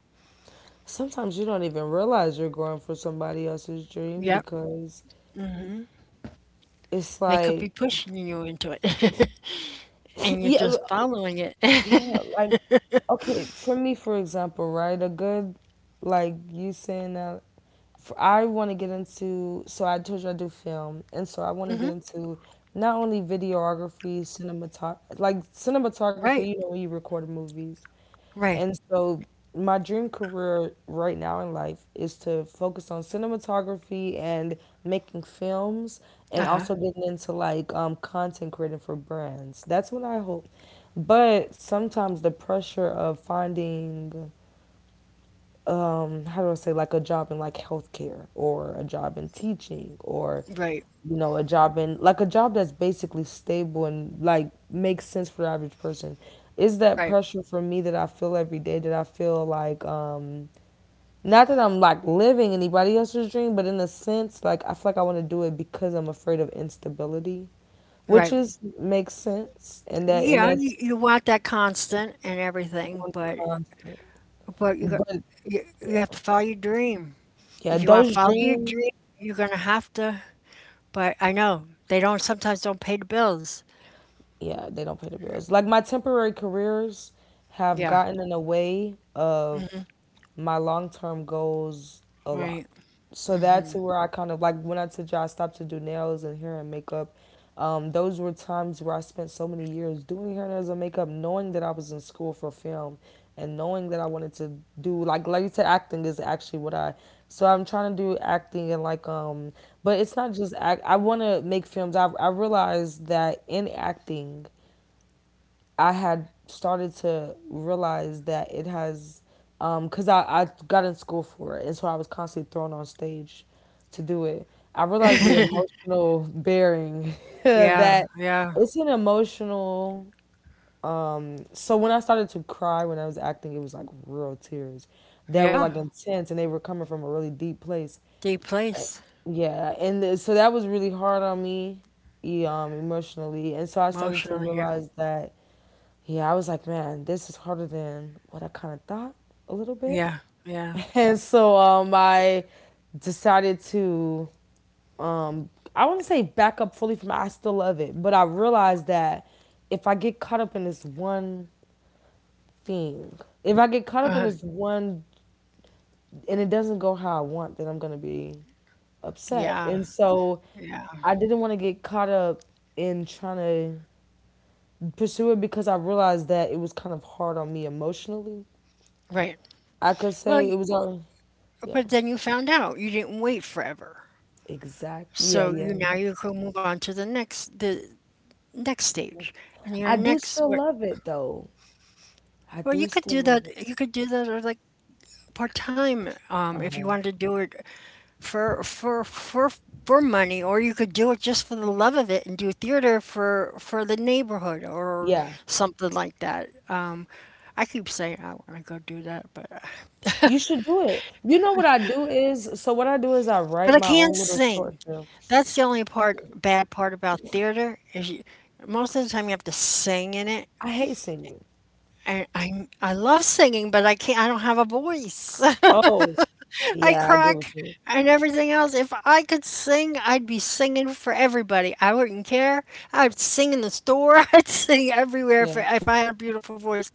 Sometimes you don't even realize you're going for somebody else's dream
Yep.
because it's
They could
like,
be pushing you into it, and you're
yeah,
just following it.
yeah, like okay, for me, for example, right, a good like you saying that for, I want to get into. So I told you I do film, and so I want to get
Mhm.
into not only videography, cinematography, like cinematography.
Right.
You know, when you record movies,
Right.
and so my dream career right now in life is to focus on cinematography and making films, and
Uh-huh.
also getting into like content creating for brands. That's what I hope. But sometimes the pressure of finding how do I say, like a job in like healthcare or a job in teaching or
Right.
you know a job in like a job that's basically stable and like makes sense for the average person, is that
Right.
pressure for me that I feel every day, that I feel like not that I'm like living anybody else's dream, but in a sense like I feel like I want to do it because I'm afraid of instability,
Right.
which is makes sense. and that and
Yeah,
that's
you want that constant and everything,
going to
but
constant,
but you got
but
you have to follow your dream.
yeah,
If you want to
those
follow your
dreams,
dream, you're gonna have to. But I know they don't sometimes don't pay the bills.
yeah, they don't pay the bills. Like my temporary careers have
Yeah.
gotten in the way of my long term goals a lot.
Right.
So that's where I kind of like when I told you I stopped to do nails and hair and makeup. Those were times where I spent so many years doing hair, nails, and makeup, knowing that I was in school for film and knowing that I wanted to do like you said, acting is actually what I. So I'm trying to do acting and like but it's not just act. I want to make films. I realized that in acting, I had started to realize that it has, because I got in school for it, and so I was constantly thrown on stage to do it. I realized the emotional bearing
Yeah,
that
yeah,
it's an emotional. So when I started to cry when I was acting, it was like real tears that were
yeah.
like intense, and they were coming from a really deep place.
Deep
And-
place
yeah, and th- so that was really hard on me, e- emotionally, and so I started to
emotionally. Yeah,
realize that, yeah, I was like, man, this is harder than what I kind of thought a little bit.
yeah, yeah.
And so I decided to, um, I wouldn't say back up fully from it. I still love it. But I realized that if I get caught up in this one thing, if I get caught up
Uh,
in this one and it doesn't go how I want, then I'm going to be upset.
yeah.
And so
Yeah,
I didn't want to get caught up in trying to pursue it because I realized that it was kind of hard on me emotionally.
right.
I could
Well,
say it
y
was. Yeah,
but then you found out. You didn't wait forever.
exactly. Yeah,
So you
yeah.
now you can move on to the next stage and your
I do
next
still
what.
love it though. I
Well
do
you could
still
do
love
that
it.
or like part time if you
Uh-huh.
wanted to do it for for for for money or you could do it just for the love of it and do theater for the neighborhood or
Yeah.
something like that. Um, I keep saying I want to go do that, but
You should do it. You know what I do is so what I do is I
But
write
I
my
can't
own little short
sing.
films.
That's the only part bad part about theater is you, most of the time you have to sing in it.
I hate singing.
And I love singing, but I can't. I don't have a voice.
Oh,
I
yeah, I get
crack
what you.
and everything else. If I could sing, I'd be singing for everybody. I wouldn't care. I'd sing in the store. I'd sing everywhere if
Yeah.
I had a beautiful voice.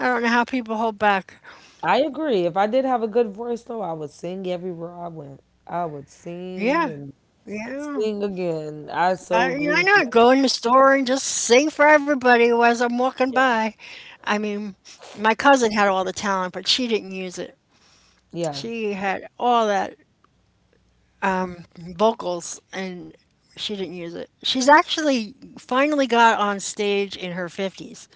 I don't know how people hold back.
I agree. If I did have a good voice though, I would sing everywhere I went. I would sing
Yeah,
and
yeah.
sing again. I so agree
I
with you
know. Go
on
in the store and just sing for everybody as I'm
that.
walking
Yeah.
by. I mean, my cousin had all the talent, but she didn't use it.
Yeah.
She had all that vocals, and she didn't use it. She's actually finally got on stage in her 50s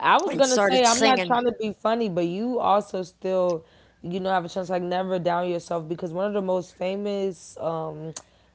I was
and
gonna say
started
I'm not
singing.
trying to be funny, but you also still, have a chance, like never down yourself because one of the most famous, um,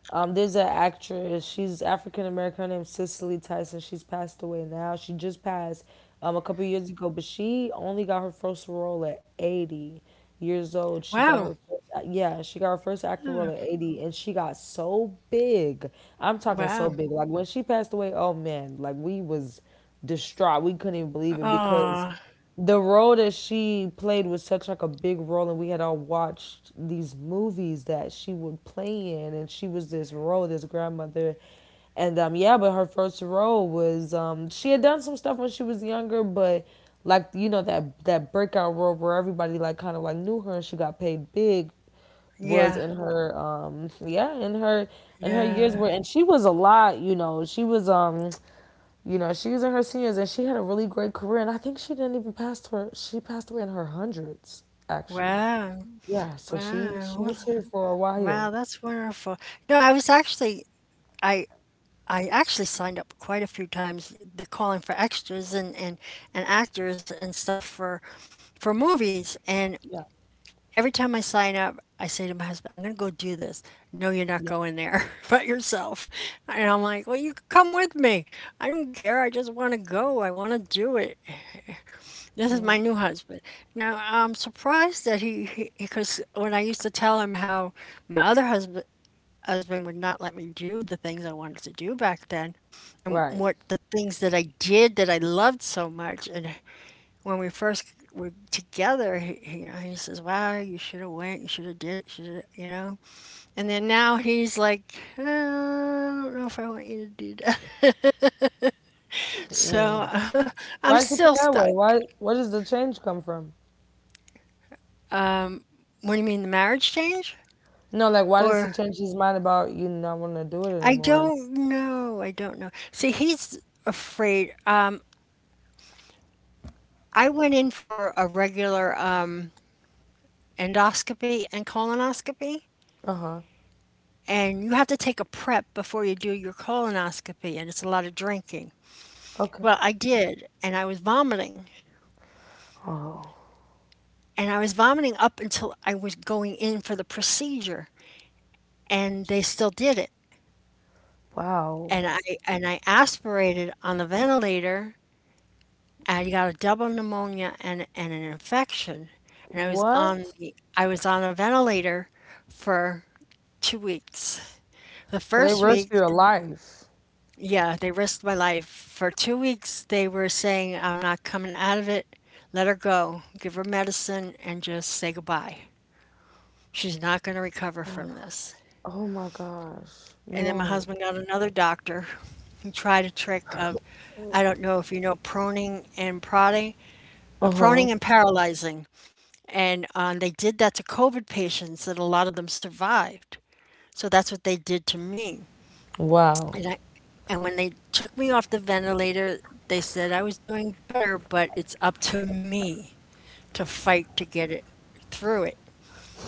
um, there's an actress. She's African American. Her name's Cicely Tyson. She's passed away now. She just passed, a couple years ago. But she only got her first role at 80 years old. She got
Wow.
her first, yeah, she got her first acting
Yeah.
role at 80, and she got so big. I'm talking so
Wow.
big. Like when she passed away, oh man, like we was distraught. We couldn't even believe it because
Oh,
the role that she played was such like a big role, and we had all watched these movies that she would play in, and she was this role, this grandmother. And yeah, but her first role was she had done some stuff when she was younger, but like that that breakout role where everybody like kind of like knew her and she got paid big was
yeah.
in her yeah in her years
Yeah.
where and she was a lot she was she was in her seniors and she had a really great career. And I think she didn't even pass her, she passed away in her hundreds, actually.
Wow.
Yeah, so she
Wow.
was here for a
Wow.
while.
That's wonderful. No, I was actually. I I actually signed up quite a few times. They're calling for extras and actors and stuff for movies. And
Yeah,
every time I sign up, I say to my husband, I'm going to go do this. No, you're not
yeah,
going there by yourself. And I'm like, well, you come with me. I don't care. I just want to go. I want to do it. This is
yeah.
my new husband. Now I'm surprised that he, because when I used to tell him how my other husband would not let me do the things I wanted to do back then, and
Right.
what the things that I did that I loved so much, and when we first were together, you know, he says, "Wow, you should have went. You should have did it. Should you know?" And then now he's like, I don't know if I want you to do that." So
Why
I'm
does he feel
still
that
stuck.
way? Why? Where does the change come from?
What do you mean, the marriage change
No, like why does
or?
he change his mind about you not want to do it
I
anymore?
don't know. I don't know. See, he's afraid. I went in for a regular endoscopy and colonoscopy,
Uh huh.
and you have to take a prep before you do your colonoscopy, and it's a lot of drinking.
Okay.
Well, I did, and I was vomiting,
Oh
and I was vomiting up until I was going in for the procedure, and they still did it.
wow.
And I and I aspirated on the ventilator. I got a double pneumonia and an infection, and I was on
What?
the I was on a ventilator for 2 weeks. The
So they
first
rushed
week
your life.
yeah, they risked my life. For 2 weeks, they were saying, "I'm not coming out of it. Let her go. Give her medicine and just say goodbye. She's not going to recover from this."
Oh my gosh.
And then my
No.
husband got another doctor who tried a trick of I don't know if you know proning and prodding,
Uh
proning
huh.
and paralyzing. And they did that to COVID patients, and a lot of them survived. So that's what they did to me.
Wow.
And I, and when they took me off the ventilator, they said I was doing better, but it's up to me to fight to get it through it.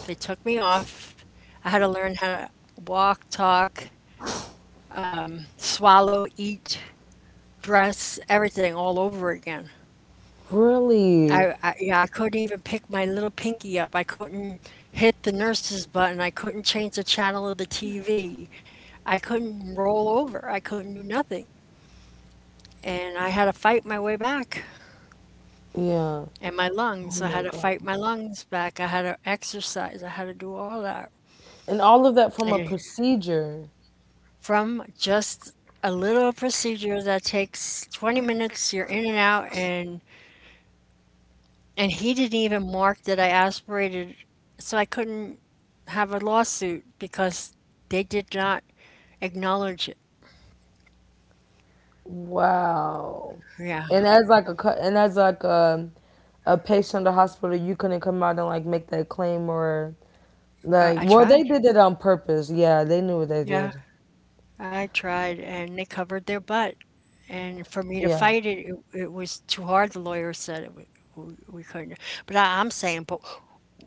They took me off. I had to learn how to walk, talk, swallow, eat, dress, everything all over again.
Really?
I yeah, I couldn't even pick my little pinky up. I couldn't hit the nurse's button. I couldn't change the channel of the TV. I couldn't roll over. I couldn't do nothing. And I had to fight my way back.
Yeah.
And my lungs, I
Oh
had to
my
fight
God.
my lungs back. I had to exercise. I had to do all that.
And all of that from a
And
procedure.
from just a little procedure that takes 20 minutes, you're in and out, and he didn't even mark that I aspirated, so I couldn't have a lawsuit because they did not acknowledge it.
Wow.
Yeah,
And as like a cu- and as like a patient in the hospital, you couldn't come out and like make that claim or like,
I
well they
tried.
did it on purpose. Yeah, they knew what they
Yeah,
did.
I tried, and they covered their butt. And for me to
Yeah.
fight it, it was too hard. The lawyer said it, we couldn't. But I'm saying, but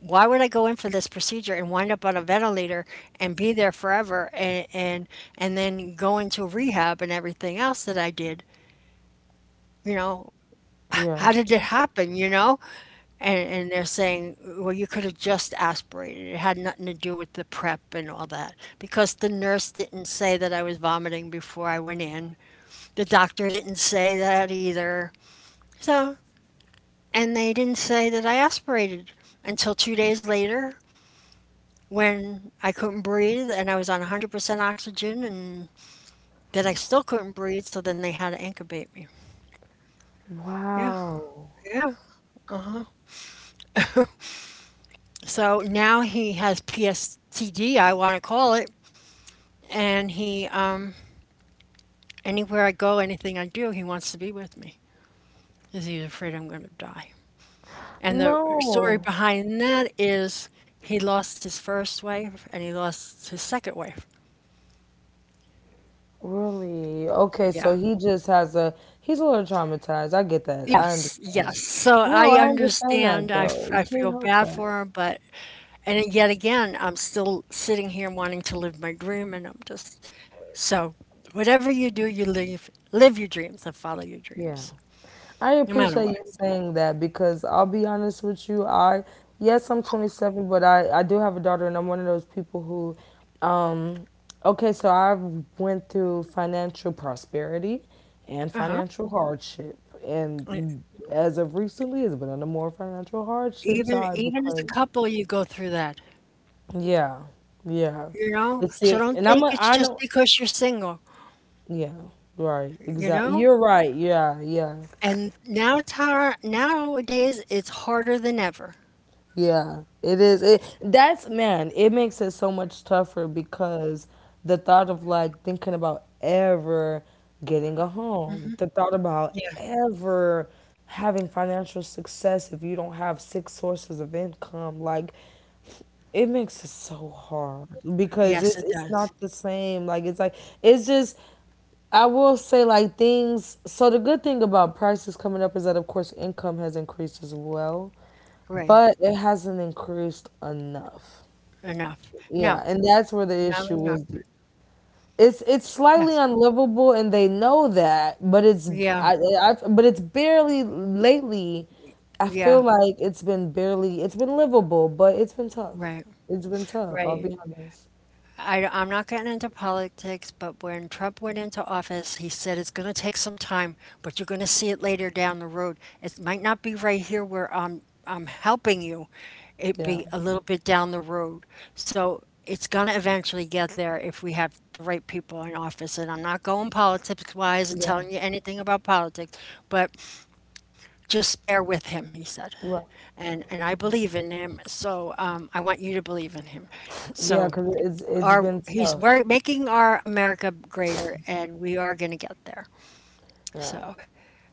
why would I go in for this procedure and wind up on a ventilator and be there forever and and then go into rehab and everything else that I did? You know,
Yeah.
how did it happen, you know? And they're saying, well, you could have just aspirated. It had nothing to do with the prep and all that because the nurse didn't say that I was vomiting before I went in. The doctor didn't say that either. So, and they didn't say that I aspirated until 2 days later when I couldn't breathe and I was on 100% oxygen and that I still couldn't breathe, so then they had to incubate me. Yeah,
Wow.
yeah. So now he has PSTD, I want to call it, and he anywhere I go, anything I do, he wants to be with me because he's afraid I'm going to die. And the story
No.
behind that is he lost his first wife and he lost his second wife.
Really? Okay,
Yeah.
so he just has a he's a little traumatized. I get that. I
Yes,
understand.
yes. So I
No, I understand
understand.
that though. You
I
can't
feel
help
bad
that.
for him, but and yet again, I'm still sitting here wanting to live my dream, and I'm just so whatever you do, you live your dreams and follow your
Yeah.
dreams,
I
no matter
appreciate
what.
you saying that because I'll be honest with you. I yes, I'm 27, but I do have a daughter, and I'm one of those people who, um, okay, so I went through financial prosperity and
Uh huh.
financial hardship, and as of recently, it's been on the more financial hardship
Even
side
even as a
because
couple, you go through that,
yeah, yeah,
you know?
it's
So
in,
don't
and I'm
think
a
it's
I
just
know,
because you're single,
yeah, right,
you
exactly.
know?
You're right. Yeah, yeah.
And now tar nowadays, it's harder than ever.
Yeah, it is. It that's man. It makes it so much tougher because the thought of like thinking about ever getting a home,
Mhm.
the thought about
Yeah.
ever having financial success if you don't have 6 sources of income, like it makes it so hard because
Yes,
it's
it
it's
does.
not the same. Like it's just I will say like things. So the good thing about prices coming up is that of course income has increased as well,
Right.
but it hasn't increased enough.
Enough. No.
Yeah, and that's where the
Not
issue
enough.
is. It's
Yes.
slightly unlivable, and they know that, but it's
Yeah.
I but it's barely lately. I feel
Yeah.
like it's been barely it's been livable, but it's been tough.
Right.
It's been tough. I'll
Right.
be honest.
I, I'm not getting into politics, but when Trump went into office, he said it's going to take some time, but you're going to see it later down the road. It might not be right here where I'm helping you. It
Yeah,
be a little bit down the road. So it's going to eventually get there if we have the right people in office. And I'm not going politics wise and
yeah,
telling you anything about politics, but just bear with him, he said.
right.
And I believe in him, so I want you to believe in him.
Yeah,
So
cause it's
our
been
he's
tough.
work, making our America greater, and we are going to get there.
Yeah,
So,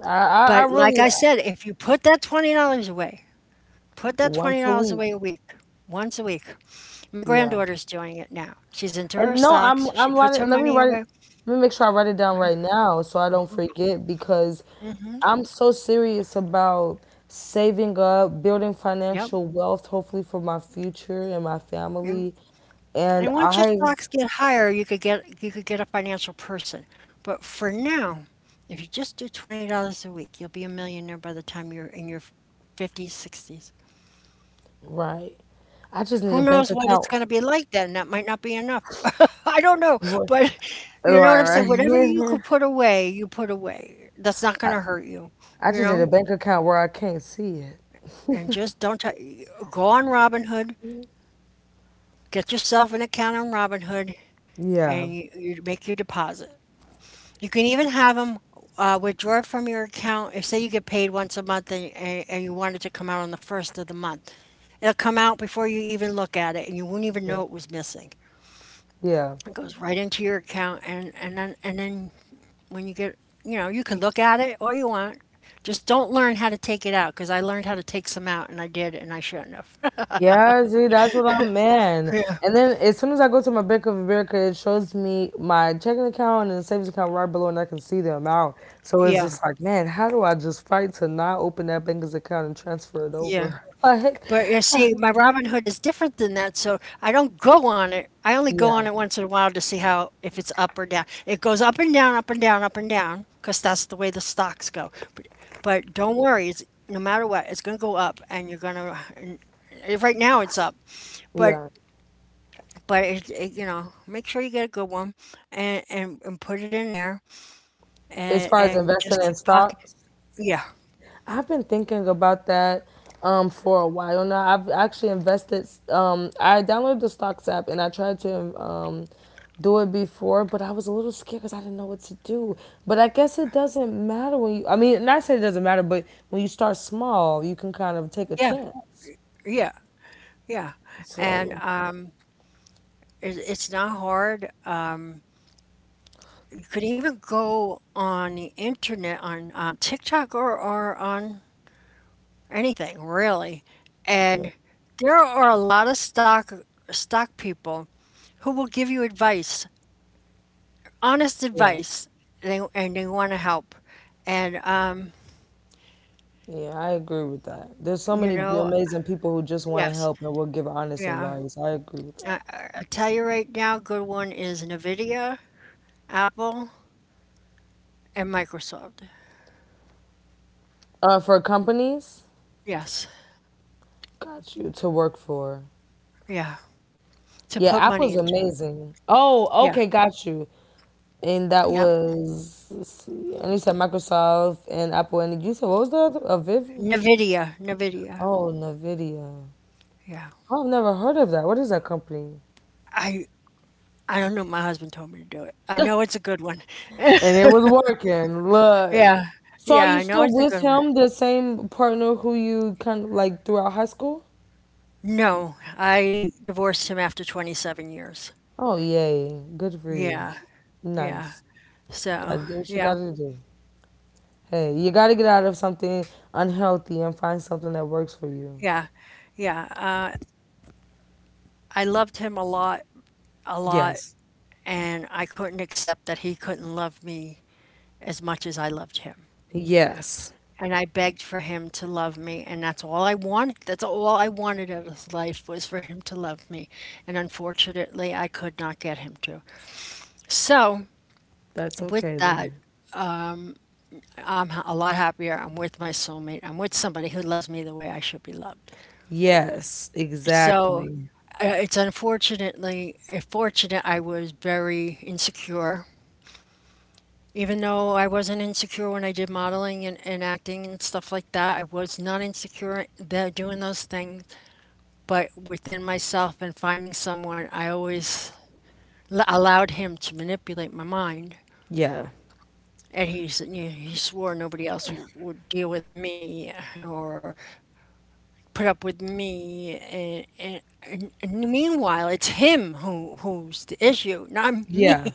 I
but like
really
I said, if you put that $20 away, put that twenty
once a
dollars
week.
away a week, once a week. My
Yeah,
granddaughter's doing it now. She's into her
and no,
stocks. She
I'm
puts her
writing. Let me
money
write it.
away.
Let me make sure I write it down right
Mhm.
now so I don't forget because I'm so serious about saving up, building
Yep.
financial wealth, hopefully for my future and my
Yep.
family. And
And once your
I,
stocks get higher, you could get a financial person. But for now, if you just do $20 a week, you'll be a millionaire by the time you're in your fifties, sixties.
right, I just need a
Who
bank
knows what it's
account.
going to be like then? That might not be enough. I don't know,
Right,
but you know what I'm saying?
right.
Whatever you could put away, you put away. That's not going
I,
to hurt you,
I
you
just need a
know?
bank account where I can't see it.
And just don't go on Robinhood, get yourself an account on Robinhood,
Yeah,
and you make your deposit. You can even have them withdraw from your account. If say you get paid once a month and you want it to come out on the first of the month, it'll come out before you even look at it, and you won't even
yeah,
know it was missing.
yeah.
It goes right into your account, and then when you get, you know, you can look at it all you want. Just don't learn how to take it out, because I learned how to take some out, and I did, and I shouldn't have.
Yeah, see, that's what I'm man.
Yeah,
And then as soon as I go to my Bank of America, it shows me my checking account and savings account right below, and I can see the amount. So it's
yeah,
just like, man, how do I just fight to not open that banker's account and transfer it
yeah,
over? Like,
But you see, my Robinhood is different than that, so I don't go on it. I only go on
yeah,
it once in a while to see how if it's up or down. It goes up and down, up and down, up and down, because that's the way the stocks go. But don't worry, it's no matter what, it's gonna go up, and you're gonna. Right now it's up, but
yeah.
but it, you know, make sure you get a good one and put it in there
As
and,
far as
and you
investing
just
in
keep pocket.
stocks,
Yeah,
I've been thinking about that for a while now. I've actually invested. I downloaded the stocks app and I tried to do it before, but I was a little scared because I didn't know what to do. But I guess it doesn't matter when you. Not saying it doesn't matter, but when you start small, you can kind of take a
yeah,
chance.
yeah, yeah. And
So
it's not hard. You could even go on the internet, on TikTok or on anything really.
yeah,
And there are a lot of stock people who will give you advice, honest
yeah,
advice, and they want to help. And,
yeah, I agree with that. There's so
you
many
know,
amazing people who just want to
yes.
help and will give honest
Yeah.
advice. I agree with that.
I tell you right now, good one is NVIDIA, Apple, and Microsoft.
For companies,
Yes.
got you to work for.
Yeah. To
Yeah,
put money
Apple's
into.
amazing. Oh,
Yeah.
okay, got you. And that
Yeah.
was, let's see, and you said Microsoft and Apple, and you said what was the other? A Viv?
NVIDIA. NVIDIA.
Oh, Nvidia.
Yeah.
Oh, I've never heard of that. What is that company?
I I don't know. My husband told me to do it. I
And
know it's a good one.
it was working. Look.
Yeah.
So are
Yeah.
you
I know
still
it's a
with
good one.
him, the same partner who you kind of like throughout high school?
No, I divorced him after 27 years.
Oh, yay. Good for you.
Yeah, yeah.
Nice.
So,
Gotta do what you
yeah,
gotta do. Hey, you gotta get out of something unhealthy and find something that works for you.
yeah, yeah. I loved him a lot, a lot.
Yes.
And I couldn't accept that he couldn't love me as much as I loved him.
Yes,
And I begged for him to love me, and that's all I wanted. That's all I wanted out of life was for him to love me. And unfortunately, I could not get him to. So,
that's
with
okay though.
that, a lot happier. I'm with my soulmate. I'm with somebody who loves me the way I should be loved.
Yes,
So,
exactly.
fortunate I was very insecure. Even though I wasn't insecure when I did modeling and acting and stuff like that, I was not insecure that doing those things. But within myself and finding someone, I always allowed him to manipulate my mind.
Yeah,
And you know, he swore nobody else would deal with me or put up with me. And meanwhile, it's him who who's the issue, not me.
yeah,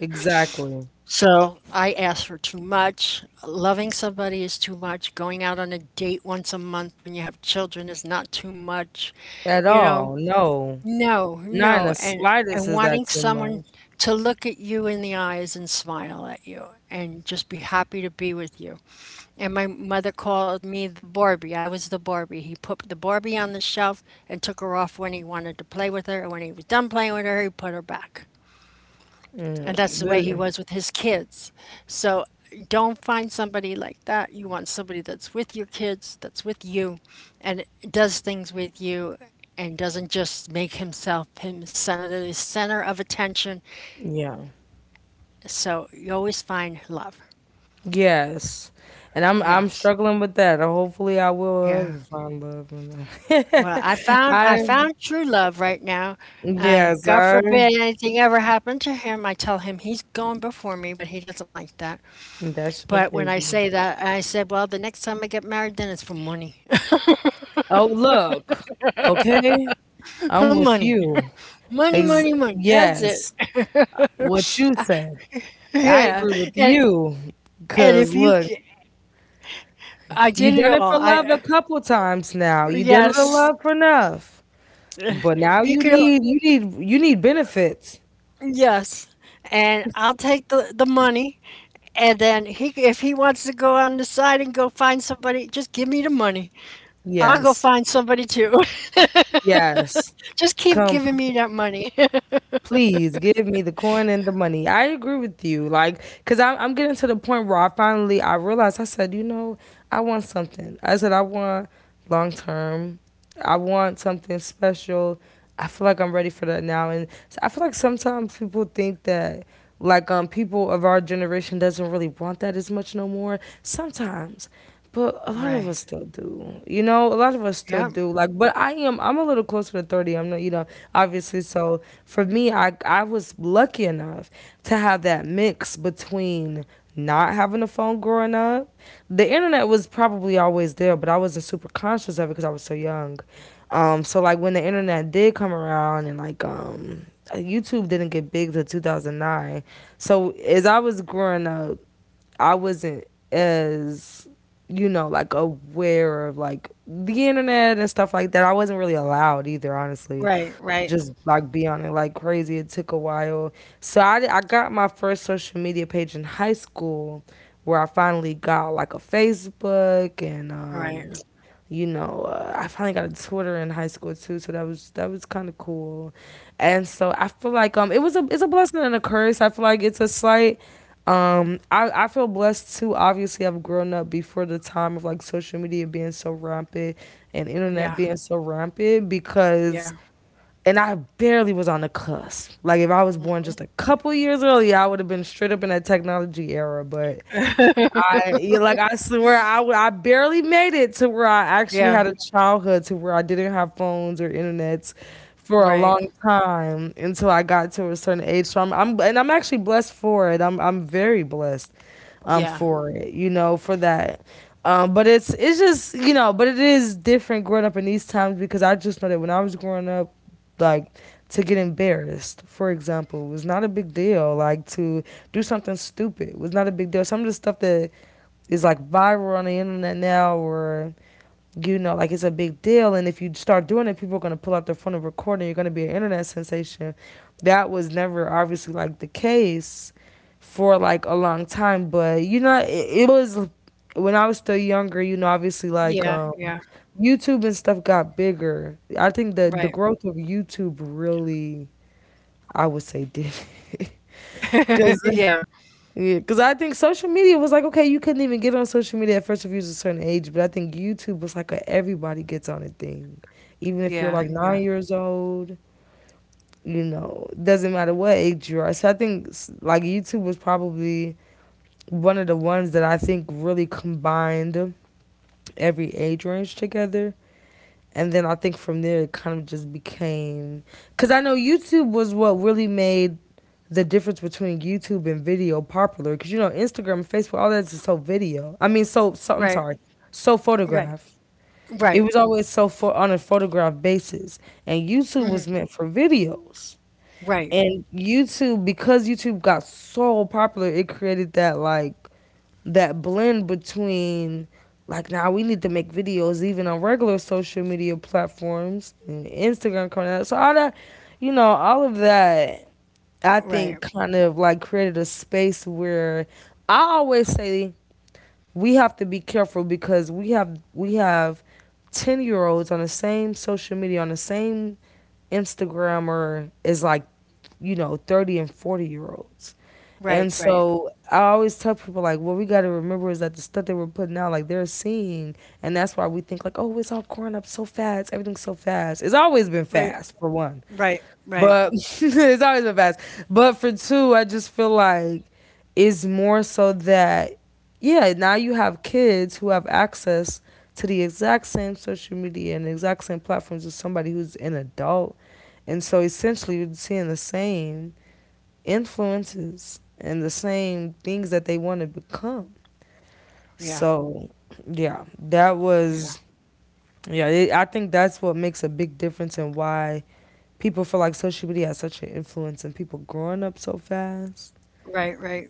exactly.
So I asked for too much. Loving somebody is too much. Going out on a date once a month when you have children is not too much.
At
You know,
all? No,
no,
not in
no.
the slightest
And
is that
wanting
too
someone
much.
to look at you in the eyes and smile at you and just be happy to be with you. And my mother called me the Barbie. I was the Barbie. He put the Barbie on the shelf and took her off when he wanted to play with her. And when he was done playing with her, he put her back. And that's
Mm,
the way he was with his kids. So don't find somebody like that. You want somebody that's with your kids, that's with you, and does things with you, and doesn't just make himself him center the center of attention.
yeah,
So you always find love.
yes, and I'm
Yes.
struggling with that. Hopefully, I will ever
Yeah.
find love. And
Well,
I
I found true love right now, and
yes,
God
I
forbid anything ever happened to him. I tell him he's going before me, but he doesn't like that.
that's your
But when I
baby.
say that, I said, well, the next time I get married, then it's for money.
Oh look, okay, I'm with
Money.
you.
Money,
Ex-
money, money. That's it.
yes, what you said. I
Yeah.
agree with
And
you.
and
Cause
if you ca-
look,
I did
you
it
done it
all.
for
I
love a couple times now. You done it a
yes.
love for enough. But now
You
you
could
need you need you need benefits.
yes. And I'll take the money and then he if he wants to go on the side and go find somebody, just give me the money. I'll go
Yes.
find somebody too.
Yes.
Just keep
Come
giving
p-
me that money.
please give me the coin and the money. I agree with you. Like cuz I'm getting to the point where I finally I realized I said, you know, I want something. I said I want long term. I want something special. I feel like I'm ready for that now. And so I feel like sometimes people think that like people of our generation doesn't really want that as much no more. Sometimes. But a lot of
Right.
us still do. You know, a lot of us still
Yep.
do. Like but I'm a little closer to 30. I'm not you know, obviously so for me I was lucky enough to have that mix between not having a phone growing up. The internet was probably always there, but I wasn't super conscious of it because I was so young. So like when the internet did come around and like, YouTube didn't get big till 2009. So as I was growing up, I wasn't as you know like aware of like the internet and stuff like that. I wasn't really allowed either, honestly,
Right,
to
right,
just like be on it like crazy. It took a while, so I got my first social media page in high school, where I finally got like a Facebook and
right.
you know, I finally got a Twitter in high school too, so that was kind of cool. And so I feel like it was a it's a blessing and a curse. I feel like it's a slight I feel blessed too. Obviously, I've grown up before the time of like social media being so rampant and internet
Yeah.
being so rampant because,
Yeah.
and I barely was on the cusp. Like, if I was born just a couple years earlier, I would have been straight up in that technology era. But I yeah, like I swear I barely made it to where I actually
Yeah,
had a childhood to where I didn't have phones or internets for a
right.
long time until I got to a certain age. So I'm actually blessed for it. I'm very blessed
Yeah.
for it, you know, for that. But it's just you know, but it is different growing up in these times because I just know that when I was growing up, like to get embarrassed, for example, was not a big deal. Like to do something stupid was not a big deal. Some of the stuff that is like viral on the internet now or you know like it's a big deal, and if you start doing it people are going to pull out their phone and record and you're going to be an internet sensation. That was never obviously like the case for like a long time, but you know it was when I was still younger you know obviously like
Yeah, yeah,
YouTube and stuff got bigger. I think that the
right.
growth of YouTube really, I would say did. Because
Yeah,
yeah, because I think social media was like, okay, you couldn't even get on social media at first if you was a certain age, but I think YouTube was like a everybody gets on a thing. Even if you're
yeah,
like
yeah.
9 years old, you know, doesn't matter what age you are. So I think like YouTube was probably one of the ones that I think really combined every age range together. And then I think from there it kind of just became, because I know YouTube was what really made the difference between YouTube and video popular because you know Instagram and Facebook, all that is so video. So, I'm
Right,
sorry, so
right,
photograph.
right,
It was always so for on a photograph basis, and YouTube was meant for videos.
right,
And YouTube, because YouTube got so popular, it created that like that blend between like now we need to make videos even on regular social media platforms and Instagram coming out. So all that, you know, all of that I
right,
think kind of like created a space where I always say we have to be careful because we have 10-year-olds on the same social media on the same Instagrammer is like, you know, 30 and 40 year olds.
right,
And
right,
so I always tell people like what we got to remember is that the stuff that we're putting out like they're seeing, and that's why we think like oh it's all growing up so fast, everything's so fast. It's always been
right,
fast for one.
right, right.
But it's always been fast. But for two, I just feel like it's more so that, yeah, now you have kids who have access to the exact same social media and the exact same platforms as somebody who's an adult. And so essentially, you're seeing the same influences and the same things that they want to become.
Yeah,
So, yeah,
yeah.
yeah, I think that's what makes a big difference in why people feel like social media has such an influence and people growing up so fast.
Right, right.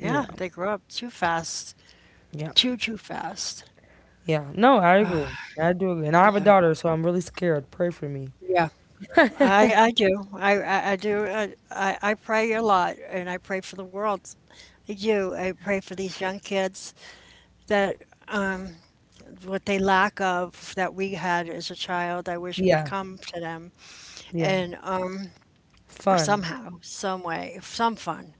Yeah, they grow up too fast.
yeah,
Too, too fast.
yeah. No, I agree. I do agree. And I have a
Yeah,
daughter, so I'm really scared. Pray for me.
yeah. I I do. I do. I pray a lot, and I pray for the world. I do. I pray for these young kids that um, what they lack of that we had as a child, I wish would
Yeah,
come to them.
yeah.
And
Fun.
somehow, some way, some fun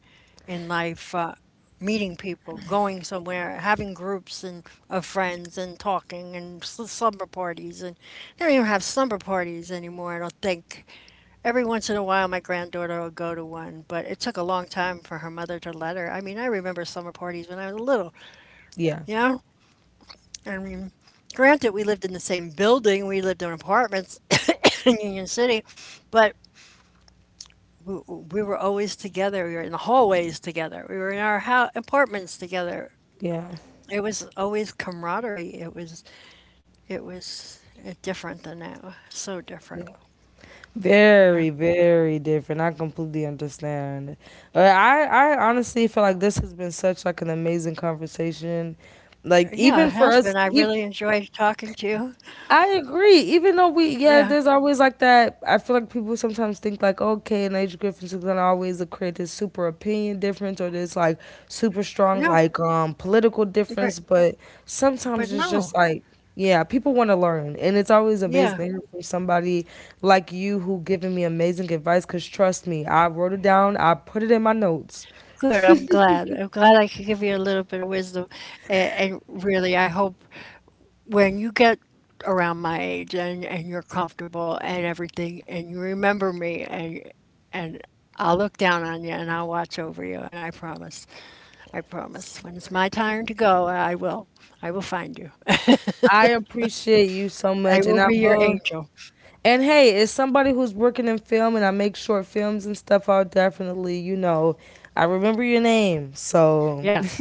in life, meeting people, going somewhere, having groups and of friends and talking and slumber parties. And they don't even have slumber parties anymore, I don't think. Every once in a while, my granddaughter will go to one, but it took a long time for her mother to let her. I mean, I remember summer parties when I was little,
Yeah,
you know? I mean, granted, we lived in the same building, we lived in apartments in Union City, but we were always together. We were in the hallways together. We were in our apartments together.
yeah,
It was always camaraderie. It was different than now. So different.
yeah.
Yeah.
Very, very different. I completely understand. Uh, I, I honestly feel like this has been such like an amazing conversation. Like
Yeah, it
even for
has been.
us,
I really enjoyed talking to you.
I agree. Yeah,
Yeah.
there's always like that. I feel like people sometimes think like, okay, an age difference is gonna always create this super opinion difference or this like super strong
Yeah.
like political difference.
But
But sometimes
but
it's just
no.
like, yeah, people want to learn, and it's always amazing to
Yeah.
hear from somebody like you who giving me amazing advice. Cause trust me, I wrote it down. I put it in my notes.
Good. I'm glad. I could give you a little bit of wisdom. And really, I hope when you get around my age and you're comfortable and everything and you remember me and I'll look down on you and I'll watch over you and I promise. I promise. When it's my time to go, I will. I will find you.
I appreciate you so
I
much,
will
and I
be your
will.
angel.
And hey, as somebody who's working in film and I make short films and stuff, I'll definitely, you know, I remember your name. So
Yes.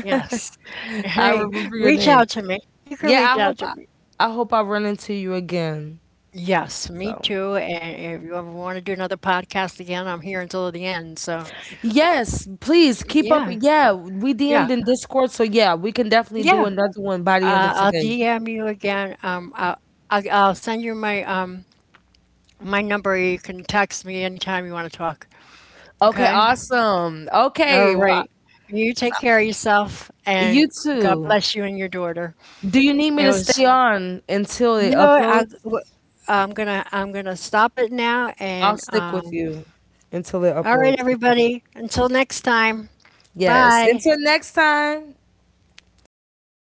Yes. Hey,
remember your
reach
name.
out to me. You can
Yeah,
reach out to me.
I hope I run into you again.
Yes, me
So
too. And if you ever want to do another podcast again, I'm here until the end. So,
yes, please keep up.
yeah.
Yeah, we
Yeah.
DM'd in Discord, so yeah, we can definitely do
Yeah.
another one by the end of
I'll
today.
DM you again. I'll send you my my number. You can text me anytime you want to talk.
Okay,
Okay?
awesome.
All
Okay, well,
right. You take care of yourself,
you
and God
too.
bless you and your daughter.
Do you need me
It
to
was
stay on until it
no. I
uploads?
am gonna I'm gonna stop it now.
I'll
And
stick with you until it
all right,
uploads. I got you.
everybody. Until next time.
Yes.
Bye.
Until next time.